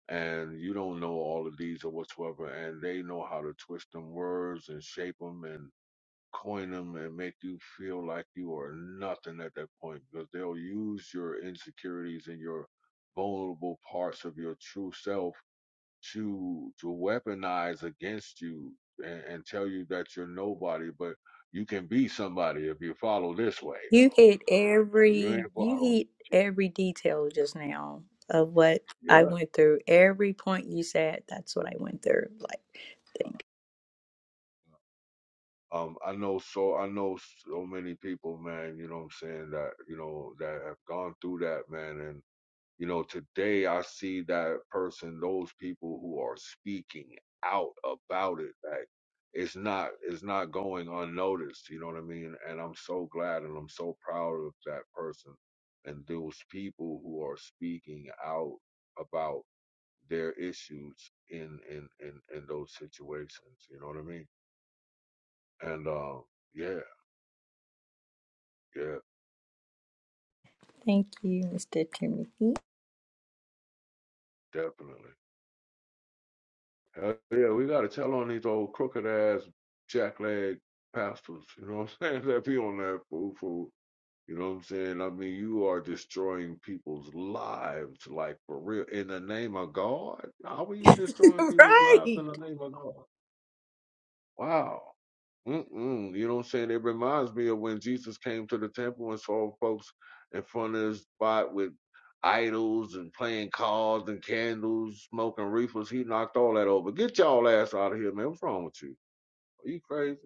S3: and you don't know all of these or whatsoever, and they know how to twist them words and shape them and. coin them and make you feel like you are nothing at that point because they'll use your insecurities and your vulnerable parts of your true self to to weaponize against you and, and tell you that you're nobody but you can be somebody if you follow this way
S5: You hit
S3: though if you
S5: every
S3: ain't
S5: you
S3: following
S5: hit every detail just now of what I
S3: yeah
S5: went through. Every point you said, that's what I went through. Like thank
S3: um i know so i know so many people man you know what i'm saying that you know that have gone through that man And You know, today I see that person, those people who are speaking out about it, like it's not it's not going unnoticed, you know what I mean? And I'm so glad and I'm so proud of that person and those people who are speaking out about their issues in in in, in those situations, you know what I mean? And um yeah, yeah,
S5: thank you, Mr. Timothy.
S3: definitely. Hell yeah, we got to tell on these old crooked ass jackleg pastors. You know what I'm saying? (laughs) That be on that fool fool. You know what I'm saying? I mean, you are destroying people's lives, like for real, in the name of God. How are you
S5: (laughs)
S3: destroying people's lives in
S5: right.
S3: the name of God? Wow. Mm-mm. You know what I'm saying? It reminds me of when Jesus came to the temple and saw folks in front of his spot with idols and playing cards and candles, smoking reefers. He knocked all that over. Get y'all ass out of here, man. What's wrong with you? Are you crazy?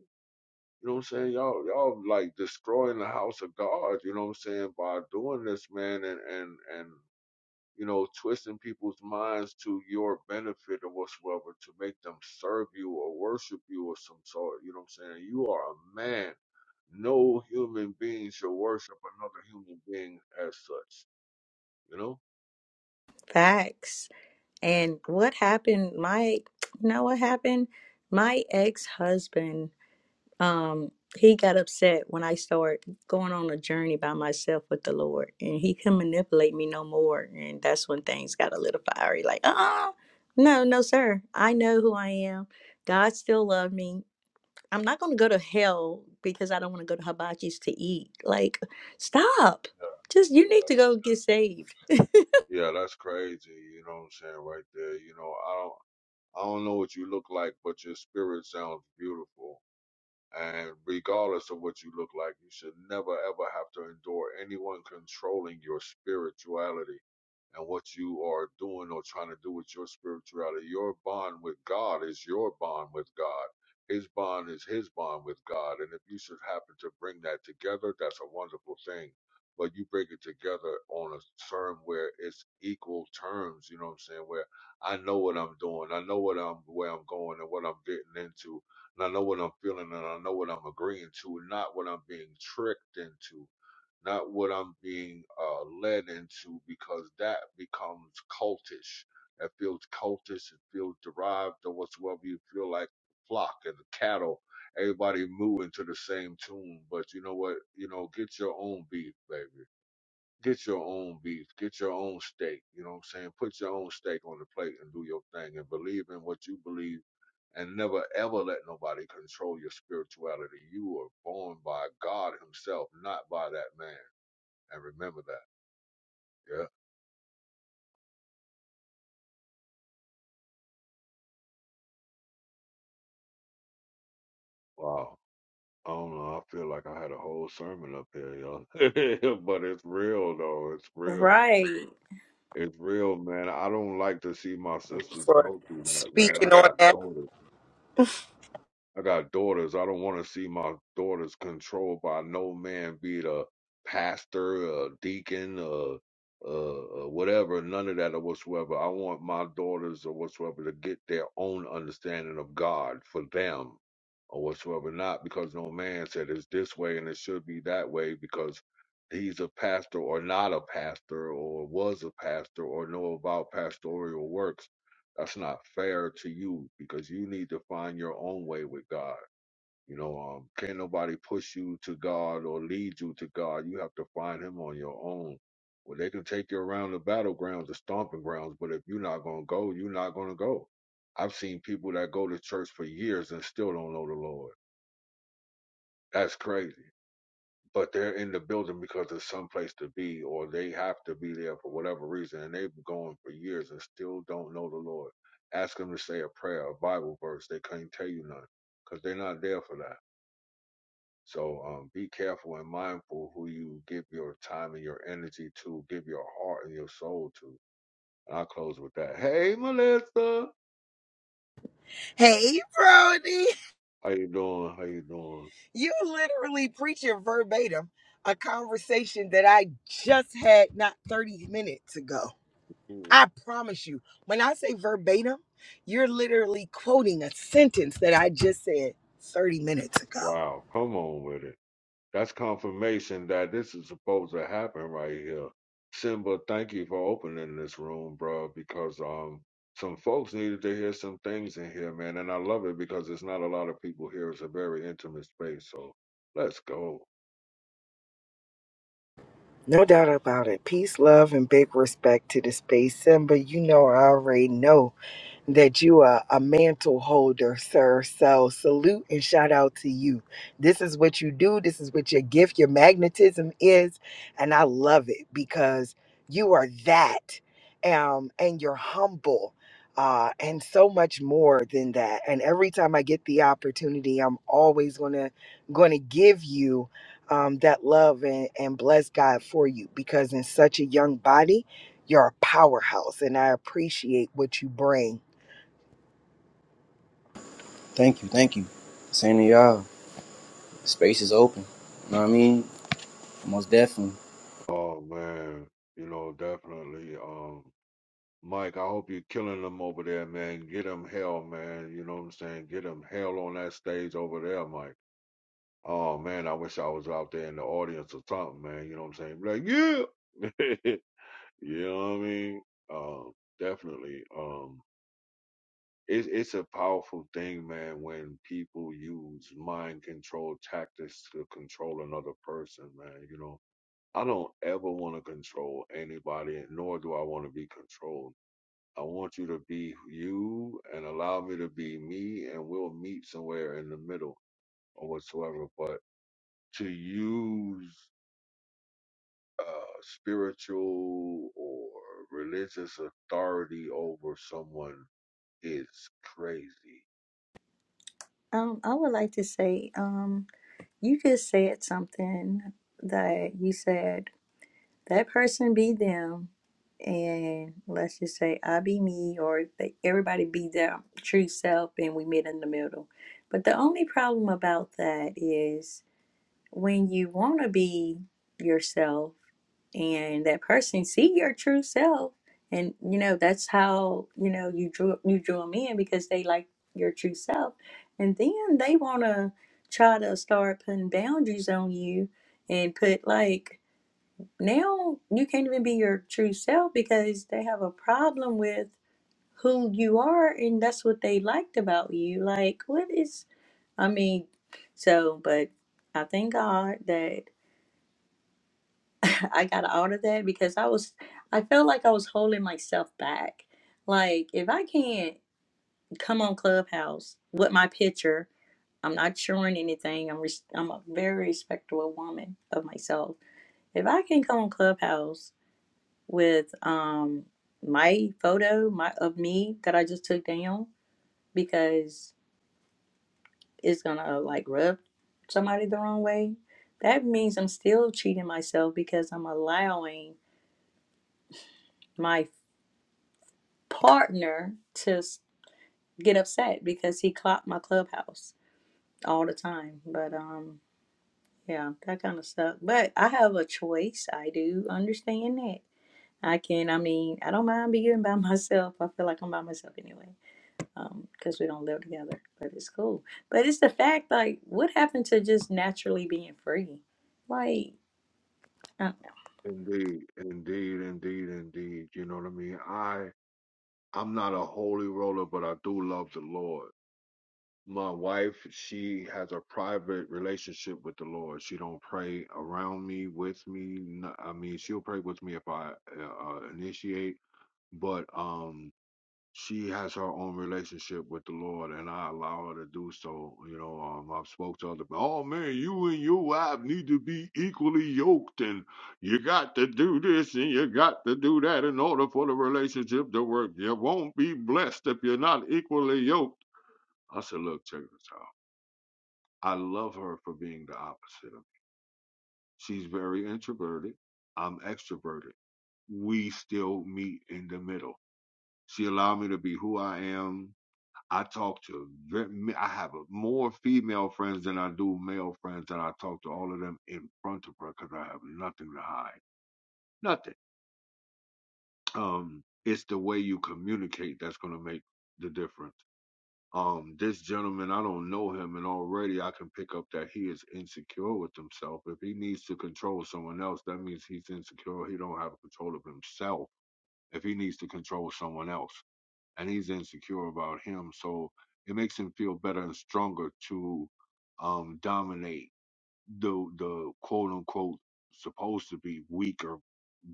S3: You know what I'm saying? Y'all, y'all like destroying the house of God. You know what I'm saying? By doing this, man, and and and you know, twisting people's minds to your benefit or whatsoever to make them serve you or worship you or some sort. You know what I'm saying? You are a man no human being should worship another human being as such. You know?
S5: Facts. And what happened? My, you know what happened? My ex-husband, um, he got upset when I started going on a journey by myself with the Lord, and he couldn't manipulate me no more. And that's when things got a little fiery. Like, uh-uh, no, no, sir. I know who I am. God still loved me. I'm not going to go to hell because I don't want to go to hibachi's to eat. Like, stop.
S3: Yeah,
S5: Just you need to
S3: yeah,
S5: go get saved.
S3: yeah. That's crazy. You know what I'm saying right there. You know, I don't, I don't know what you look like, but your spirit sounds beautiful. And regardless of what you look like, you should never ever have to endure anyone controlling your spirituality. and what you are doing or trying to do with your spirituality. Your bond with God is your bond with God. His bond is his bond with God. And if you should happen to bring that together, that's a wonderful thing. But you bring it together on a term where it's equal terms, you know what I'm saying? Where I know what I'm doing, I know what I'm where I'm going and what I'm getting into, and I know what I'm feeling and I know what I'm agreeing to, not what I'm being tricked into not what I'm being uh, led into, because that becomes cultish. That feels cultish. It feels derived or whatsoever. You feel like the flock and the cattle. Everybody moving to the same tune. But you know what? You know, get your own beef, baby. Get your own beef. Get your own steak. You know what I'm saying? Put your own steak on the plate and do your thing and believe in what you believe and never ever let nobody control your spirituality. You were born by God Himself, not by that man. I remember that. Yeah. Wow. I don't know. I feel like I had a whole sermon up here, yo. (laughs) but it's real though. It's real.
S5: Right.
S3: It's real, man. I don't like to see my sisters
S7: for
S3: go through that, man. I
S7: speaking on
S3: got
S7: that.
S3: daughters. I got daughters. I don't want to see my daughters controlled by no man, be it a pastor, a deacon, or uh, uh, whatever, none of that or whatsoever. I want my daughters or whatsoever to get their own understanding of God for them or whatsoever, not because no man said it's this way and it should be that way because he's a pastor or not a pastor or was a pastor or know about pastoral works that's not fair to you because you need to find your own way with God. You know, um, can't nobody push you to God or lead you to God. You have to find Him on your own. Well, they can take you around the battlegrounds, the stomping grounds, but if you're not gonna go, you're not gonna go. I've seen people that go to church for years and still don't know the Lord. That's crazy but they're in the building because there's some place to be or they have to be there for whatever reason and they've been going for years and still don't know the lord ask them to say a prayer a bible verse they can't tell you none because they're not there for that so um, be careful and mindful who you give your time and your energy to give your heart and your soul to and i'll close with that hey melissa
S7: Hey, Brody,
S3: how you doing how you doing
S7: you literally preaching verbatim a conversation that I just had not 30 minutes ago.
S3: Mm,
S7: I promise you, when I say verbatim, you're literally quoting a sentence that I just said 30 minutes ago.
S3: wow come on with it That's confirmation that this is supposed to happen right here. Simba, thank you for opening this room, bro, because um some folks needed to hear some things in here, man, and I love it because there's not a lot of people here. It's a very intimate space, so let's go.
S7: No doubt about it. Peace, love, and big respect to the space. Simba, you know I already know that you are a mantle holder, sir. So salute and shout out to you. This is what you do, this is what your gift, your magnetism is. And I love it because you are that. Um, and you're humble. Uh, and so much more than that. And every time I get the opportunity, I'm always gonna gonna give you um, that love and, and bless God for you because in such a young body, you're a powerhouse, and I appreciate what you bring
S1: Thank you, thank you. Same to y'all. Space is open. You know what I mean? Most definitely.
S3: Oh man, you know definitely. Um, Mike, I hope you're killing them over there, man. Get them hell, man. You know what I'm saying? Get them hell on that stage over there, Mike. Oh man, I wish I was out there in the audience or something, man. You know what I'm saying? Be Like, yeah. (laughs) you know what I mean? Um, definitely. Um, it's it's a powerful thing, man, when people use mind control tactics to control another person, man. You know, I don't ever want to control anybody, nor do I want to be controlled. I want you to be you and allow me to be me, and we'll meet somewhere in the middle or whatsoever. But to use uh, spiritual or religious authority over someone is crazy.
S5: Um, I would like to say, um. You just said something that you said that person be them, and let's just say I be me, or they, everybody be their true self, and we meet in the middle. But the only problem about that is when you want to be yourself and that person see your true self and you know that's how you know you drew you drew them in because they like your true self and then they want to try to start putting boundaries on you and put like now you can't even be your true self because they have a problem with who you are and that's what they liked about you like what is i mean so but i thank god that (laughs) I got out of that because I was, I felt like I was holding myself back. Like, if I can't come on Clubhouse with my picture, I'm not showing anything. I'm, res- I'm a very respectable woman of myself. If I can come on Clubhouse with um my photo my of me that I just took down because it's gonna like rub somebody the wrong way, that means I'm still cheating myself because I'm allowing my partner to s- get upset because he clocked my clubhouse all the time. But um, yeah, that kind of stuff. But I have a choice. I do understand that. I can. I mean, I don't mind being by (laughs) myself. I feel like I'm by myself anyway, um, because we don't live together. But it's cool. But it's the fact, like, what happened to just naturally being free? Like, uh,
S3: Indeed, indeed, indeed, indeed. You know what I mean? I I'm not a holy roller, but I do love the Lord. My wife, she has a private relationship with the Lord. She don't pray around me, with me. n- I mean, she'll pray with me if I uh, uh, initiate, but um she has her own relationship with the Lord, and I allow her to do so. You know, um, I've spoke to other. people. Oh man, you and your wife need to be equally yoked, and you got to do this and you got to do that in order for the relationship to work. You won't be blessed if you're not equally yoked. I said, look, check this out. I love her for being the opposite of me. She's very introverted. I'm extroverted. We still meet in the middle. She allowed me to be who I am I talk to ve- m- I have more female friends than I do male friends, and I talk to all of them in front of her because I have nothing to hide, nothing. Um, it's the way you communicate that's gonna make the difference. Um, this gentleman, I don't know him, and already I can pick up that he is insecure with himself. If he needs to control someone else, that means he's insecure. He don't have control of himself. If he needs to control someone else. and he's insecure about him. So it makes him feel better and stronger to um, dominate the the quote unquote supposed to be weaker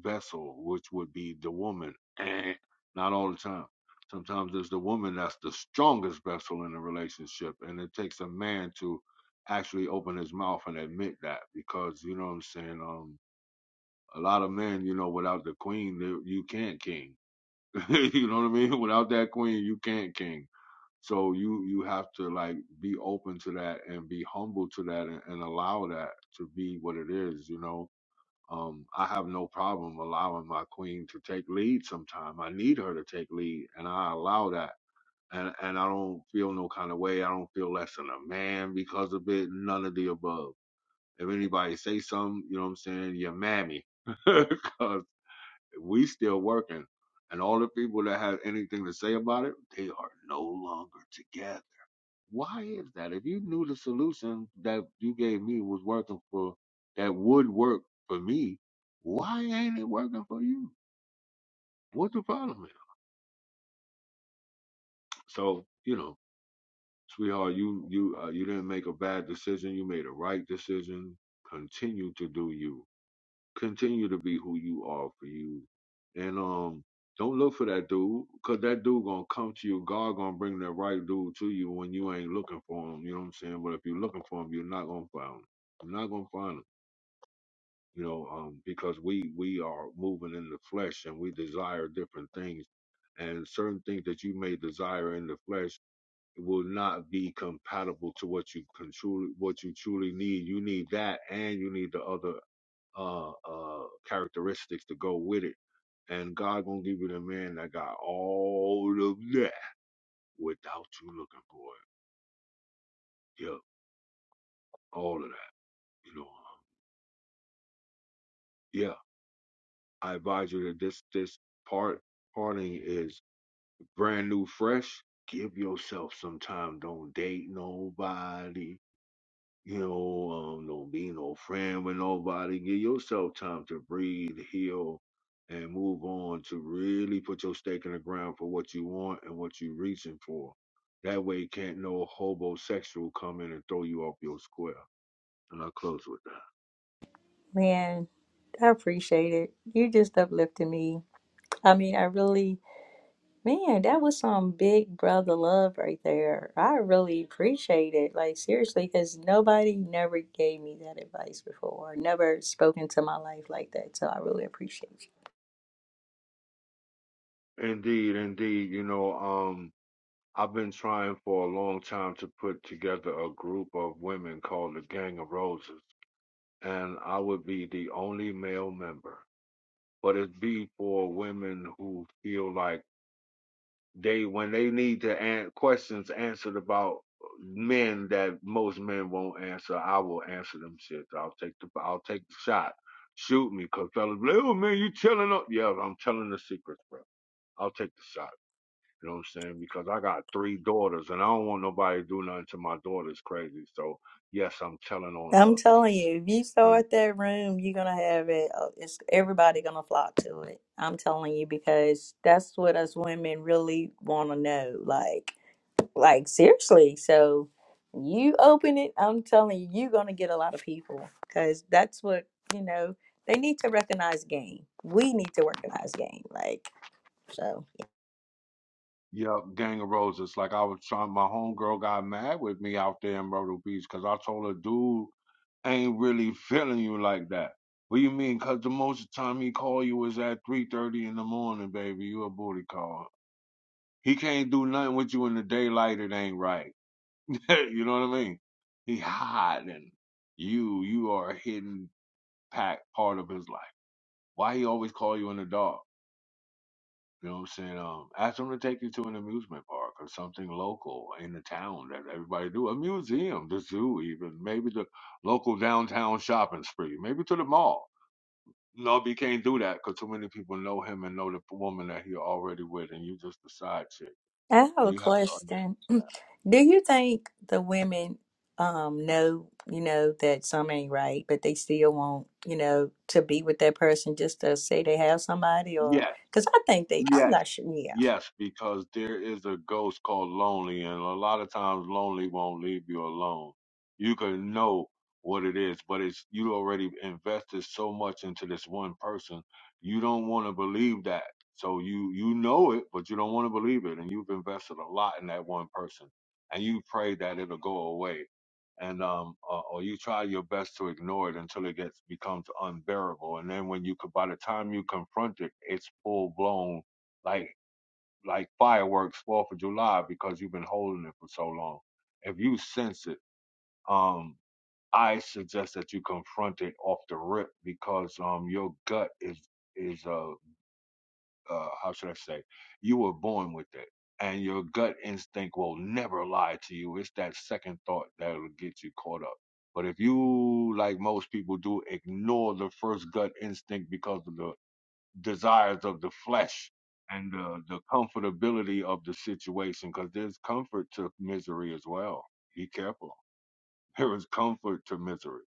S3: vessel, which would be the woman. Eh, Not all the time. Sometimes it's the woman that's the strongest vessel in a relationship, and it takes a man to actually open his mouth and admit that because you know what I'm saying. Um, a lot of men, you know, without the queen, they- you can't king. (laughs) you know what I mean? Without that queen, you can't king so you you have to like be open to that and be humble to that and, and allow that to be what it is, you know. Um, I have no problem allowing my queen to take lead sometime. I need her to take lead and I allow that. And and I don't feel no kind of way. I don't feel less than a man because of it, none of the above. If anybody say something, you know what I'm saying, you're mammy. (laughs) Cause we still working. And all the people that have anything to say about it, they are no longer together why is that? If you knew the solution that you gave me was working for, that would work for me, why ain't it working for you? What the problem is? So you know, sweetheart, you you uh, you didn't make a bad decision. You made a right decision. Continue to do you. continue to be who you are for you. And um, don't look for that dude, cause that dude gonna come to you. God gonna bring that right dude to you when you ain't looking for him. You know what I'm saying? But if you're looking for him, you're not gonna find him. You're not gonna find him. You know, um, because we we are moving in the flesh and we desire different things, and certain things that you may desire in the flesh will not be compatible to what you can truly what you truly need. You need that, and you need the other uh, uh, characteristics to go with it. And God gonna give you the man that got all of that without you looking for it. Yeah, all of that. You know, um, yeah. I advise you that this this part parting is brand new, fresh. Give yourself some time. Don't date nobody. You know, um, don't be no friend with nobody. Give yourself time to breathe, heal, and move on to really put your stake in the ground for what you want and what you're reaching for. That way, can't no homosexual come in and throw you off your square. And I close with that.
S5: man, I appreciate it. You just uplifted me. I mean, I really Man, that was some big brother love right there. I really appreciate it. Like, seriously, because nobody never gave me that advice before, or never spoken to my life like that. So I really appreciate you.
S3: Indeed, indeed. You know, um, I've been trying for a long time to put together a group of women called the Gang of Roses, and I would be the only male member. but it be for women who feel like they when they need to an- questions answered about men that most men won't answer. I will answer them shit. I'll take the I'll take the shot. Shoot me, cause fellas, be like, oh man, you telling up? Yeah, I'm telling the secrets, bro. I'll take the shot. You know what I'm saying? Because I got three daughters, and I don't want nobody to do nothing to my daughters crazy. So yes, I'm telling on
S5: I'm
S3: us.
S5: telling you, if you
S3: You
S5: start that room, you're gonna have it. uh, It's everybody gonna flock to it. I'm telling you because that's what us women really want to know. Like. Like seriously, so you open it, I'm telling you, you're gonna get a lot of people because that's what you know. They need to recognize game. We need to recognize game. Like so. yeah.
S3: Yeah, Gang of Roses. Like I was trying, my homegirl got mad with me out there in Myrtle Beach because I told her, dude, ain't really feeling you like that. What you mean? Because the most of the time he call you is at 3.30 in the morning, baby. You a booty call. He can't do nothing with you in the daylight. It ain't right. (laughs) you know what I mean? He hiding. You, you are a hidden pack part of his life. Why he always call you in the dark? You know what I'm saying? Um, ask them to take you to an amusement park or something local in the town that everybody do. A museum, the zoo, even maybe the local downtown shopping spree, maybe to the mall. No, he can't do that because too many people know him and know the woman that he already with, and you just the side chick,
S5: I have
S3: and
S5: a
S3: you have to understand
S5: question. (clears throat)
S3: that.
S5: Do you think the women um know, you know, that some ain't right, but they still want, you know, to be with that person just to say they have somebody or
S3: Yes,
S5: because I think they I'm
S3: yes.
S5: not sure. Yeah.
S3: Yes, because there is a ghost called lonely, and a lot of times lonely won't leave you alone. You can know what it is, but it's you already invested so much into this one person. You don't want to believe that. So you you know it, but you don't want to believe it, and you've invested a lot in that one person, and you pray that it'll go away, and um, uh, or you try your best to ignore it until it gets becomes unbearable, and then when you could, by the time you confront it, it's full blown like like fireworks Fourth of July because you've been holding it for so long. If you sense it, um, I suggest that you confront it off the rip because um, your gut is is uh, uh how should I say? You were born with it, and your gut instinct will never lie to you. It's that second thought that'll get you caught up. But if you, like most people do, ignore the first gut instinct because of the desires of the flesh and uh, the comfortability of the situation because there's comfort to misery as well. Be careful. (laughs) There is comfort to misery.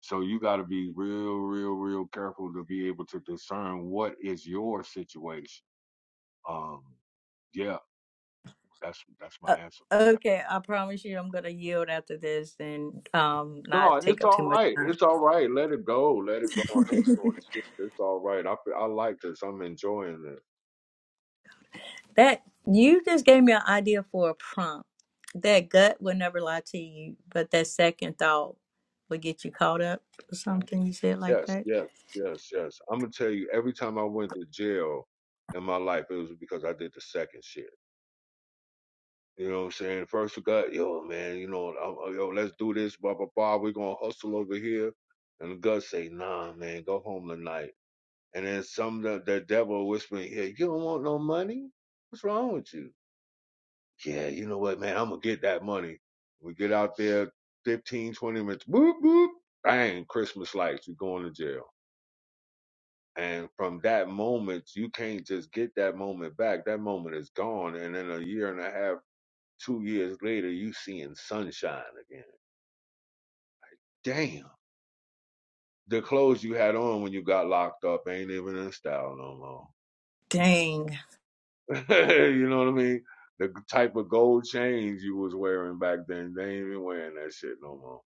S3: So you got to be real, real, real careful to be able to discern what is your situation. Um, yeah, that's that's
S5: Uh,
S3: my answer for
S5: okay, I promise you, I'm gonna yield after this and um
S3: that. No,
S5: not take
S3: it's
S5: up too
S3: all
S5: much
S3: right.
S5: time.
S3: It's all right. Let it go. Let it go. I ain't doing shit. It's all right. I, I like this. I'm enjoying it.
S5: (laughs) that you just gave me an idea for a prompt. That gut will never lie to you, but that second thought will get you caught up or something.
S3: Exactly.
S5: You said like
S3: Yes,
S5: that.
S3: yes, yes, yes. I'm gonna tell you, every time I went to jail in my life, it was because I did the second shit. You know what I'm saying? First we got, yo, man, you know, I'm, uh, yo, let's do this, blah blah blah. We're gonna hustle over here, and the gut say, nah, man, go home tonight. And then some the, the devil whispering, yeah, you don't want no money? What's wrong with you? Yeah, you know what, man, I'm gonna get that money. We get out there, 15, 20 minutes, boop boop, bang, Christmas lights, we going to jail. And from that moment, you can't just get that moment back. That moment is gone. And then a year and a half, two years later, you seeing sunshine again. Damn. The clothes you had on when you got locked up ain't even in style no
S5: Dang.
S3: more. (laughs) you know what I mean? The type of gold chains you was wearing back then, they ain't even wearing that shit no more.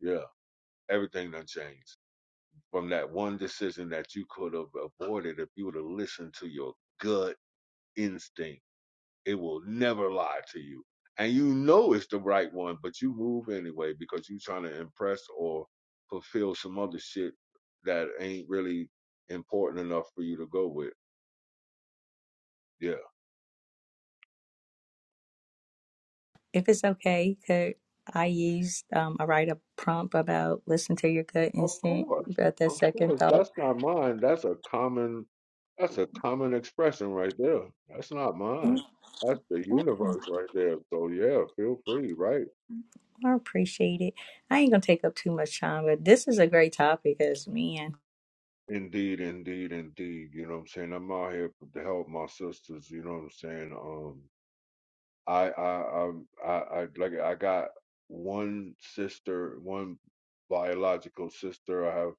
S3: Yeah. Everything done changed. From that one decision that you could have avoided if you would have listened to your gut instinct It will never lie to you. And you know it's the right one, but you move anyway because you're trying to impress or fulfill some other shit that ain't really important enough for you to go with. Yeah.
S5: If it's okay, could I use um I write a prompt about listen to your gut
S3: Of
S5: instinct,
S3: course.
S5: but that
S3: Of
S5: second
S3: course.
S5: thought.
S3: That's not mine. That's a common that's a common expression right there. That's not mine. That's the universe right there. So yeah, feel free, right?
S5: I appreciate it. I ain't gonna take up too much time, but this is a great topic as man.
S3: Indeed, indeed, indeed. You know what I'm saying? I'm out here to help my sisters, you know what I'm saying? Um I I i I I like I got one sister, one biological sister. I have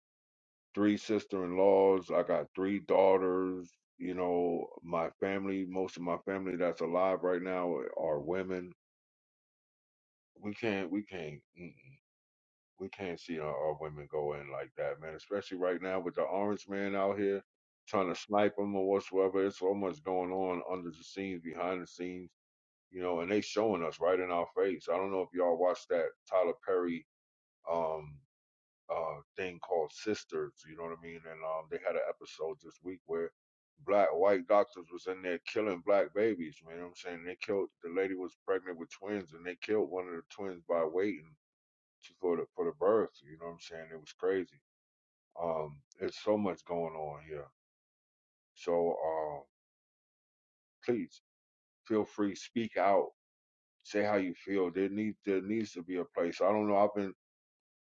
S3: three sister-in-laws. I got three daughters. You know, my family, most of my family that's alive right now are women. We can't we can't mm-mm. we can't see our, our women go in like that, man. Especially right now with the orange man out here trying to snipe them or whatsoever. It's so much going on under the scenes, behind the scenes you know, and they showing us right in our face. I don't know if y'all watched that Tyler Perry um uh thing called Sisters, you know what I mean? And um they had an episode this week where black white doctors was in there killing black babies, man. You know what I'm saying? They killed the lady was pregnant with twins and they killed one of the twins by waiting to, for the for the birth, you know what I'm saying? It was crazy. Um it's so much going on here. So um please feel free speak out say how you feel. There need there needs to be a place. I don't know. I've been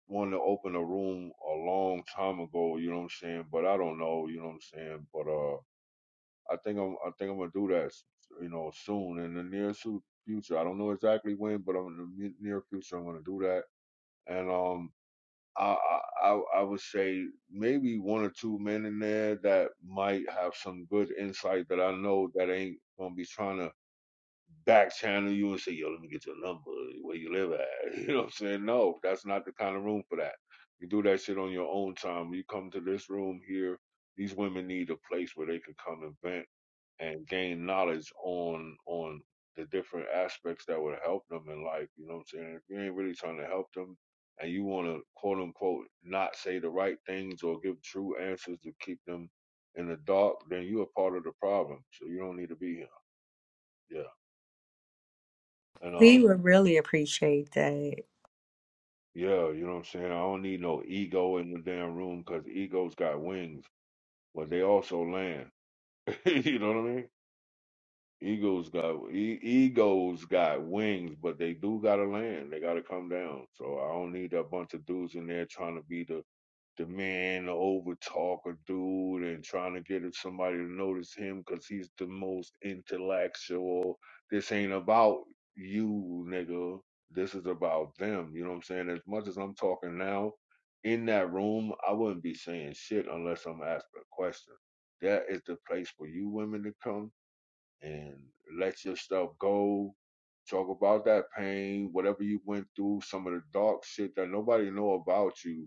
S3: wanting to open a room a long time ago. You know what I'm saying? But I don't know. You know what I'm saying? But uh, I think I'm I think I'm gonna do that. You know, soon in the near su- future. I don't know exactly when, but I'm in the near future. I'm gonna do that. And um, I I I I would say maybe one or two men in there that might have some good insight that I know that ain't gonna be trying to back channel you and say, yo, let me get your number, where you live at. (laughs) You know what I'm saying? No, that's not the kind of room for that. You do that shit on your own time. You come to this room here, these women need a place where they can come and vent and gain knowledge on on the different aspects that would help them in life. You know what I'm saying? If you ain't really trying to help them and you wanna quote unquote not say the right things or give true answers to keep them in the dark, then you're a part of the problem. So you don't need to be here. Yeah. And um
S5: We would really appreciate that.
S3: Yeah, you know what I'm saying? I don't need no ego in the damn room because egos got wings, but they also land. (laughs) you know what I mean? Egos got e- egos got wings, but they do gotta land. They gotta come down. So I don't need a bunch of dudes in there trying to be the the man to overtalk a dude and trying to get somebody to notice him because he's the most intellectual. This ain't about you, nigga. This is about them. You know what I'm saying? As much as I'm talking now, in that room, I wouldn't be saying shit unless I'm asked a question. That is the place for you women to come and let your stuff go. Talk about that pain, whatever you went through, some of the dark shit that nobody know about you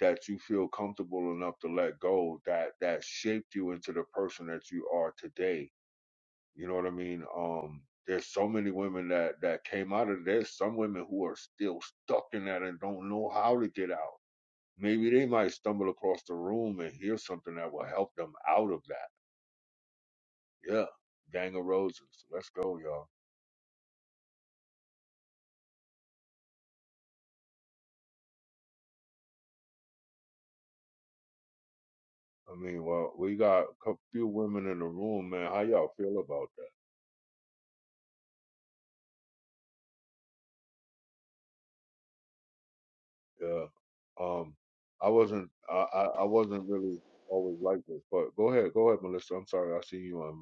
S3: that you feel comfortable enough to let go that that shaped you into the person that you are today. You know what I mean? Um, there's so many women that that came out of this. Some women who are still stuck in that and don't know how to get out. Maybe they might stumble across the room and hear something that will help them out of that. Yeah, gang of roses. Let's go, y'all. I mean, well, we got a cou- few women in the room, man. How y'all feel about that? Yeah. Um, I wasn't. I, I I wasn't really always like this. But go ahead. Go ahead, Melissa. I'm sorry. I see you on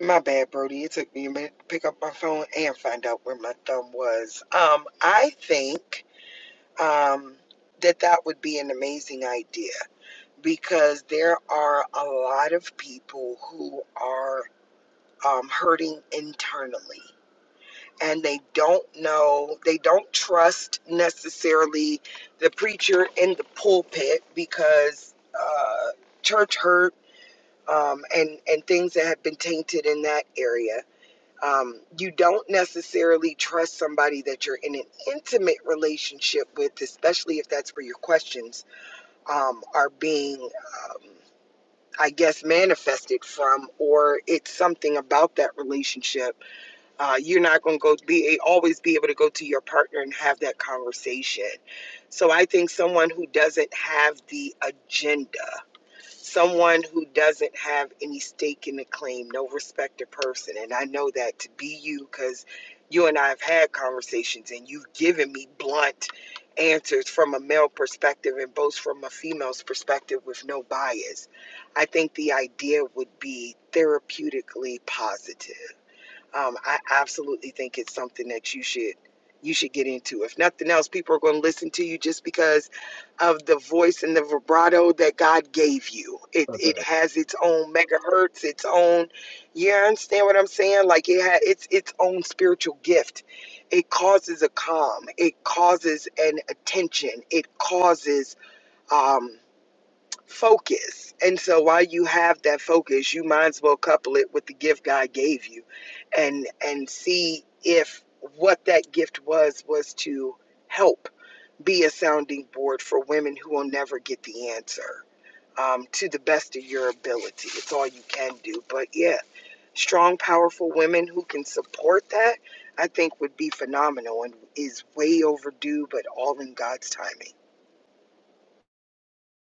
S7: My bad, Brody. It took me a minute to pick up my phone and find out where my thumb was. Um, I think um, that that would be an amazing idea because there are a lot of people who are um, hurting internally and they don't know, they don't trust necessarily the preacher in the pulpit because uh, church hurt um, and, and things that have been tainted in that area um, you don't necessarily trust somebody that you're in an intimate relationship with, especially if that's where your questions um, are being, um, I guess, manifested from, or it's something about that relationship. Uh, you're not going to go be eh, always be able to go to your partner and have that conversation. So I think someone who doesn't have the agenda someone who doesn't have any stake in the claim, no respected person. And I know that to be you because you and I have had conversations and you've given me blunt answers from a male perspective and both from a female's perspective with no bias. I think the idea would be therapeutically positive um, I absolutely think it's something that you should you should get into. If nothing else, people are going to listen to you just because of the voice and the vibrato that God gave you. It
S3: mic.
S7: it has its own megahertz, its own. You understand what I'm saying? Like it had its its own spiritual gift. It causes a calm. It causes an attention. It causes. um, focus. And so while you have that focus, you might as well couple it with the gift God gave you and and see if what that gift was was to help be a sounding board for women who will never get the answer um, to the best of your ability. It's all you can do. But yeah, strong, powerful women who can support that, I think would be phenomenal and is way overdue, but all in God's timing.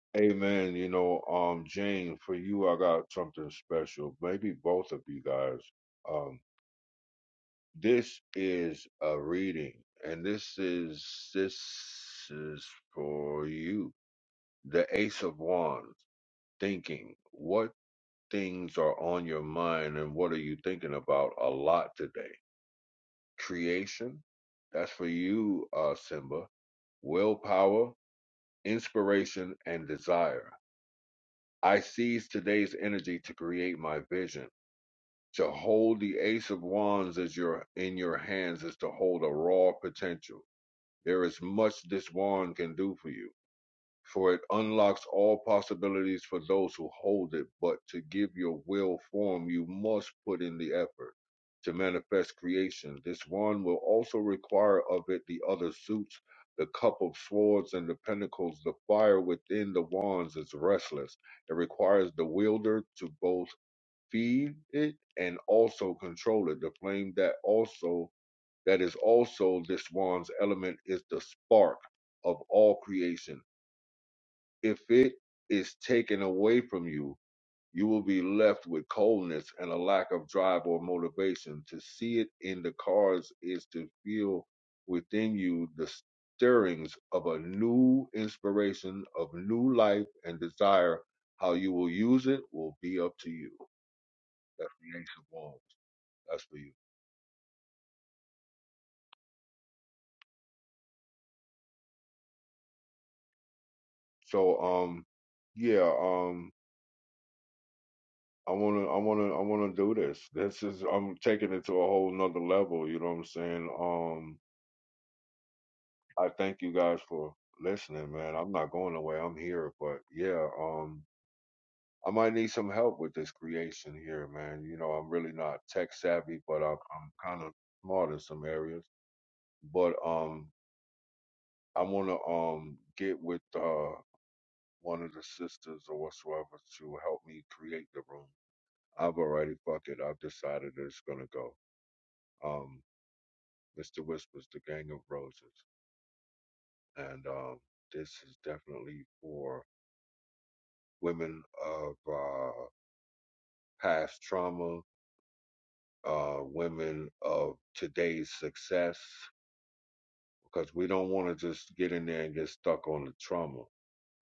S3: (laughs) Amen. You know, um, Jane, for you, I got something special. Maybe both of you guys. Um, this is a reading, and this is this is for you. The Ace of Wands. Thinking. What things are on your mind, and what are you thinking about a lot today? creation. That's for you, uh, Simba. Willpower, inspiration, and desire. I seize today's energy to create my vision. To hold the Ace of Wands as your in your hands is to hold a raw potential. There is much this wand can do for you for it unlocks all possibilities for those who hold it. But to give your will form, you must put in the effort to manifest creation. This wand will also require of it the other suits, the cup of swords and the pentacles. The fire within the wands is restless. It requires the wielder to both feed it and also control it. The flame that also that is also this wand's element is the spark of all creation if it is taken away from you, you will be left with coldness and a lack of drive or motivation. To see it in the cards is to feel within you the stirrings of a new inspiration, of new life and desire. How you will use it will be up to you. That's the Ace of Wands. That's for you. So, um, yeah, um, I wanna, I wanna, I wanna do this. This is, I'm taking it to a whole nother level. You know what I'm saying? Um, I thank you guys for listening, man. I'm not going away. I'm here, but yeah, um, I might need some help with this creation here, man. You know, I'm really not tech savvy, but I'm, I'm kind of smart in some areas. But um, I want to um get with uh one of the sisters or whatsoever to help me create the room. I've already fuck it. I've decided that it's gonna go. Um, Mr. Whispers, the Gang of Roses, and um, this is definitely for women of uh, past trauma, uh, women of today's success, because we don't want to just get in there and get stuck on the trauma.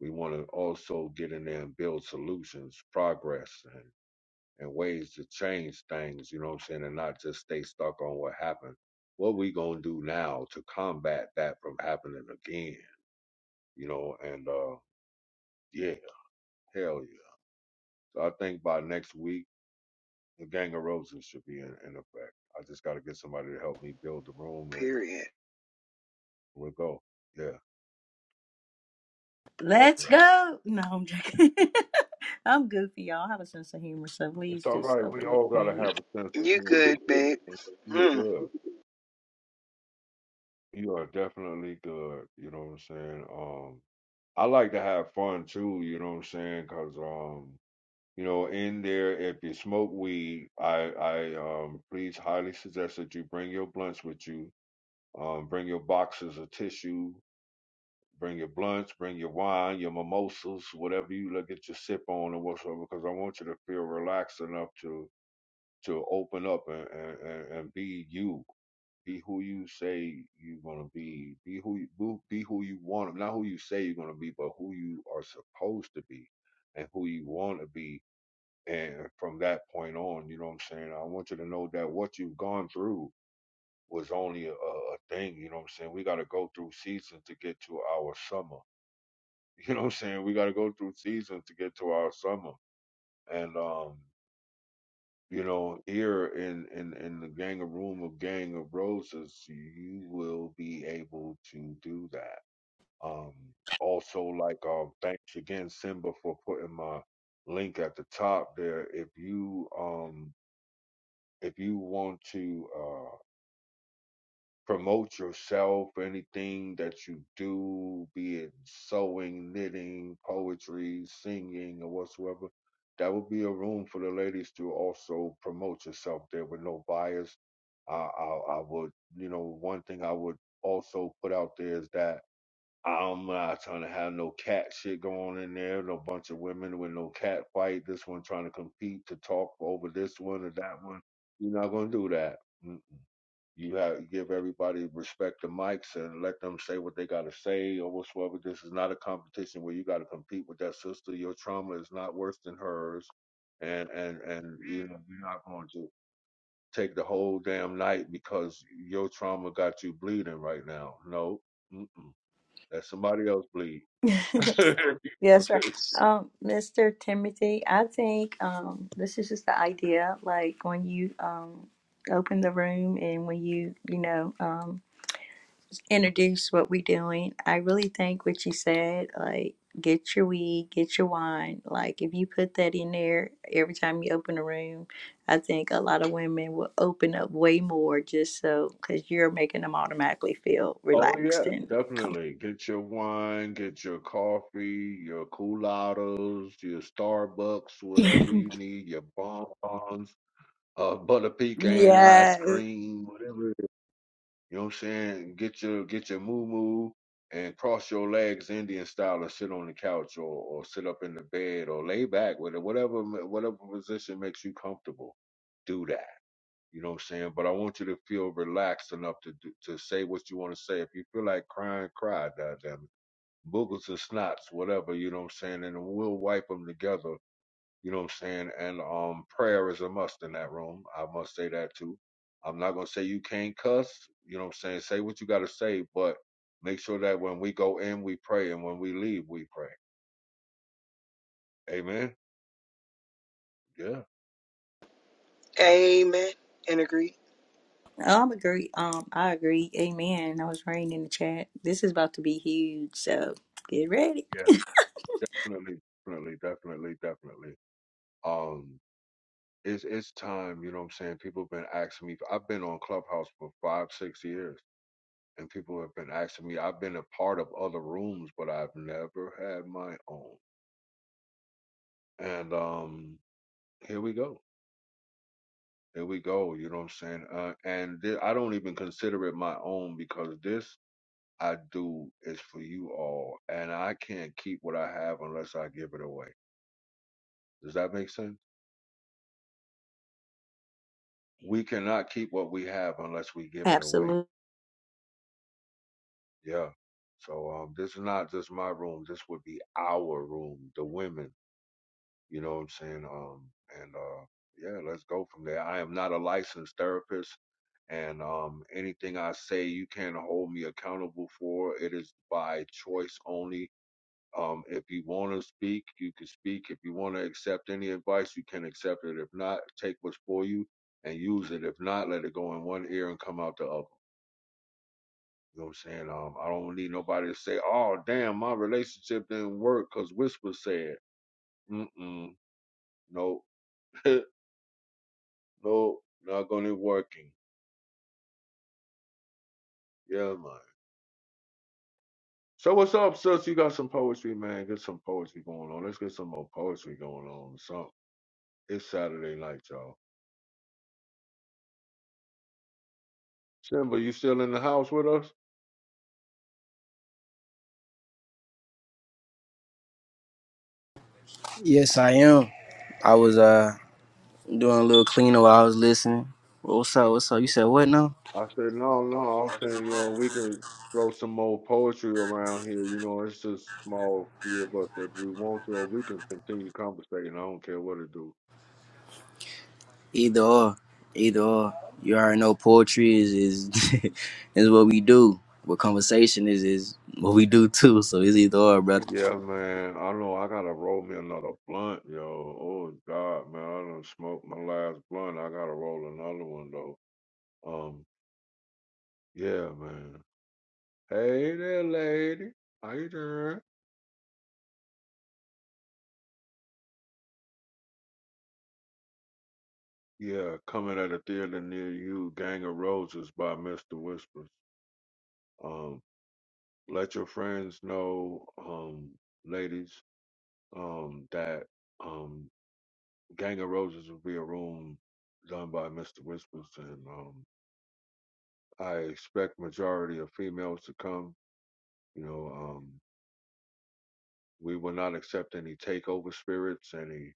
S3: We want to also get in there and build solutions, progress, and, and ways to change things, you know what I'm saying, and not just stay stuck on what happened. What we going to do now to combat that from happening again, you know, and uh, yeah, hell yeah. So I think by next week, the Gang of Roses should be in, in effect. I just got to get somebody to help me build the room, and
S7: Period.
S3: we'll go. Yeah,
S5: Let's
S3: definitely.
S5: go. No, I'm joking. (laughs) I'm goofy, y'all. I have a sense of humor, so
S3: It's
S5: please
S3: all
S5: just
S3: right. We
S5: overlook
S3: all got to
S5: me.
S3: have a sense of
S7: You
S3: humor.
S7: good,
S3: I
S7: babe.
S3: mean, You
S7: Hmm.
S3: good. You are definitely good. You know what I'm saying? Um, I like to have fun too. You know what I'm saying? Cause um, you know, in there, if you smoke weed, I I um, please highly suggest that you bring your blunts with you. Um, bring your boxes of tissue Bring your blunts, bring your wine, your mimosas, whatever you look at your sip on or whatsoever, because I want you to feel relaxed enough to to open up and, and, and and be you. Be who you say you're gonna be. Be who you who- be who you want. Not who you say you're gonna be, but who you are supposed to be and who you want to be. And from that point on, you know what I'm saying? I want you to know that what you've gone through was only a, a a thing, you know what I'm saying? We got to go through seasons to get to our summer. You know what I'm saying? We got to go through seasons to get to our summer. And um, you know, here in in in the gang of room of gang of roses, you will be able to do that. Um, also, like uh, thanks again, Simba, for putting my link at the top there. If you um if you want to uh. promote yourself, anything that you do, be it sewing, knitting, poetry, singing, or whatsoever, that would be a room for the ladies to also promote yourself there with no bias. I, I, I would, you know, one thing I would also put out there is that I'm not trying to have no cat shit going in there, no bunch of women with no cat fight. This one trying to compete to talk over this one or that one. You're not going to do that you have give everybody respect the mics and let them say what they got to say or whatsoever. This is not a competition where you got to compete with that sister. Your trauma is not worse than hers, and and and you know you're not going to take the whole damn night because your trauma got you bleeding right now. No, Mm-mm. let somebody else bleed.
S5: (laughs) yes, sir.
S3: (laughs)
S5: Um, Mr. Timothy, I think um this is just the idea. Like when you um open the room and when you you know um introduce what we're doing. I really think what you said, like get your weed, get your wine. Like if you put that in there every time you open a room, I think a lot of women will open up way more just so because you're making them automatically feel
S3: Oh yeah,
S5: relaxed and.
S3: definitely. Get your wine, get your coffee, your culottes, your Starbucks, whatever
S5: (laughs)
S3: you need, your bonbons, uh, butter pecan ice
S5: Yes.
S3: cream, whatever. it is. You know what I'm saying? Get your get your moo moo and cross your legs Indian style, or sit on the couch, or or sit up in the bed, or lay back with it. Whatever whatever position makes you comfortable, do that. You know what I'm saying? But I want you to feel relaxed enough to do, to say what you want to say. If you feel like crying, cry, goddamn it. boogles and snots, whatever, you know what I'm saying? And we'll wipe them together, you know what I'm saying? And um, prayer is a must in that room. I must say that too. I'm not going to say you can't cuss, you know what I'm saying? Say what you got to say, but make sure that when we go in, we pray, and when we leave, we pray. Amen? Yeah.
S7: Amen and agree.
S5: I'm agree. Um, I agree. Amen. I was writing in the chat. This is about to be huge, so get ready.
S3: Yeah. Definitely, definitely, definitely, definitely. Um, it's it's time, you know what I'm saying? People have been asking me. I've been on Clubhouse for five, six years, and people have been asking me. I've been a part of other rooms, but I've never had my own. And um, here we go. Here we go. You know what I'm saying? Uh, and thi- I don't even consider it my own because this I do is for you all, and I can't keep what I have unless I give it away. Does that make sense? We cannot keep what we have unless we give it away
S5: Absolutely.
S3: Yeah. So um, this is not just my room. This would be our room, the women. You know what I'm saying? Um, and uh, yeah, let's go from there. I am not a licensed therapist, and um, anything I say, you can't hold me accountable for. It is by choice only. Um, if you want to speak, you can speak. If you want to accept any advice, you can accept it. If not, take what's for you and use it. If not, let it go in one ear and come out the other. You know what I'm saying? Um, I don't need nobody to say, "Oh, damn, my relationship didn't work," cause Whisper said, "Mm-mm, no, (laughs) no, not gonna working." Yeah, man. So what's up, sis? You got some poetry, man? Get some poetry going on. Let's get some more poetry going on. So it's Saturday night, y'all. Simba, you still in the house with us?
S1: Yes, I am. I was uh doing a little cleaning while I was listening. What's up? What's up? You said what now?
S3: I said, no, no. I'm saying, you know, we could throw some more poetry around here. You know, it's just a small few of us. If we want to, or we can continue conversating. I don't care what it do.
S1: Either or, either or. You already know poetry is is (laughs) is what we do. But conversation is is what we do too. So it's either or, brother.
S3: Yeah, man. I know I gotta roll me another blunt, yo. Oh God, man, I done smoked my last blunt. I gotta roll another one though. Um, yeah, man. Hey there, lady. How you doing? Yeah, coming at a theater near you, Gang of Roses by Mr. Whispers. Um. Let your friends know, um, ladies, um, that um, Gang of Roses will be a room done by Mr. Whispers, and um, I expect majority of females to come. You know, um, we will not accept any takeover spirits, any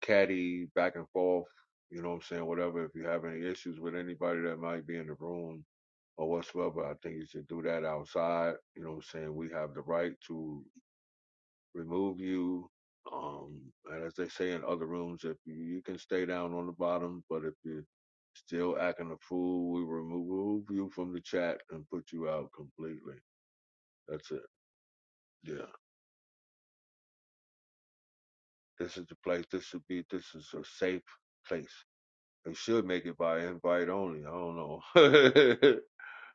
S3: catty back and forth. You know what I'm saying? Whatever. If you have any issues with anybody that might be in the room, or whatsoever. I think you should do that outside. You know what I'm saying? We have the right to remove you. Um, and as they say in other rooms, if you, you can stay down on the bottom, but if you're still acting a fool, we remove you from the chat and put you out completely. That's it. Yeah. This is the place. This should be, this is a safe place. They should make it by invite only. I don't know.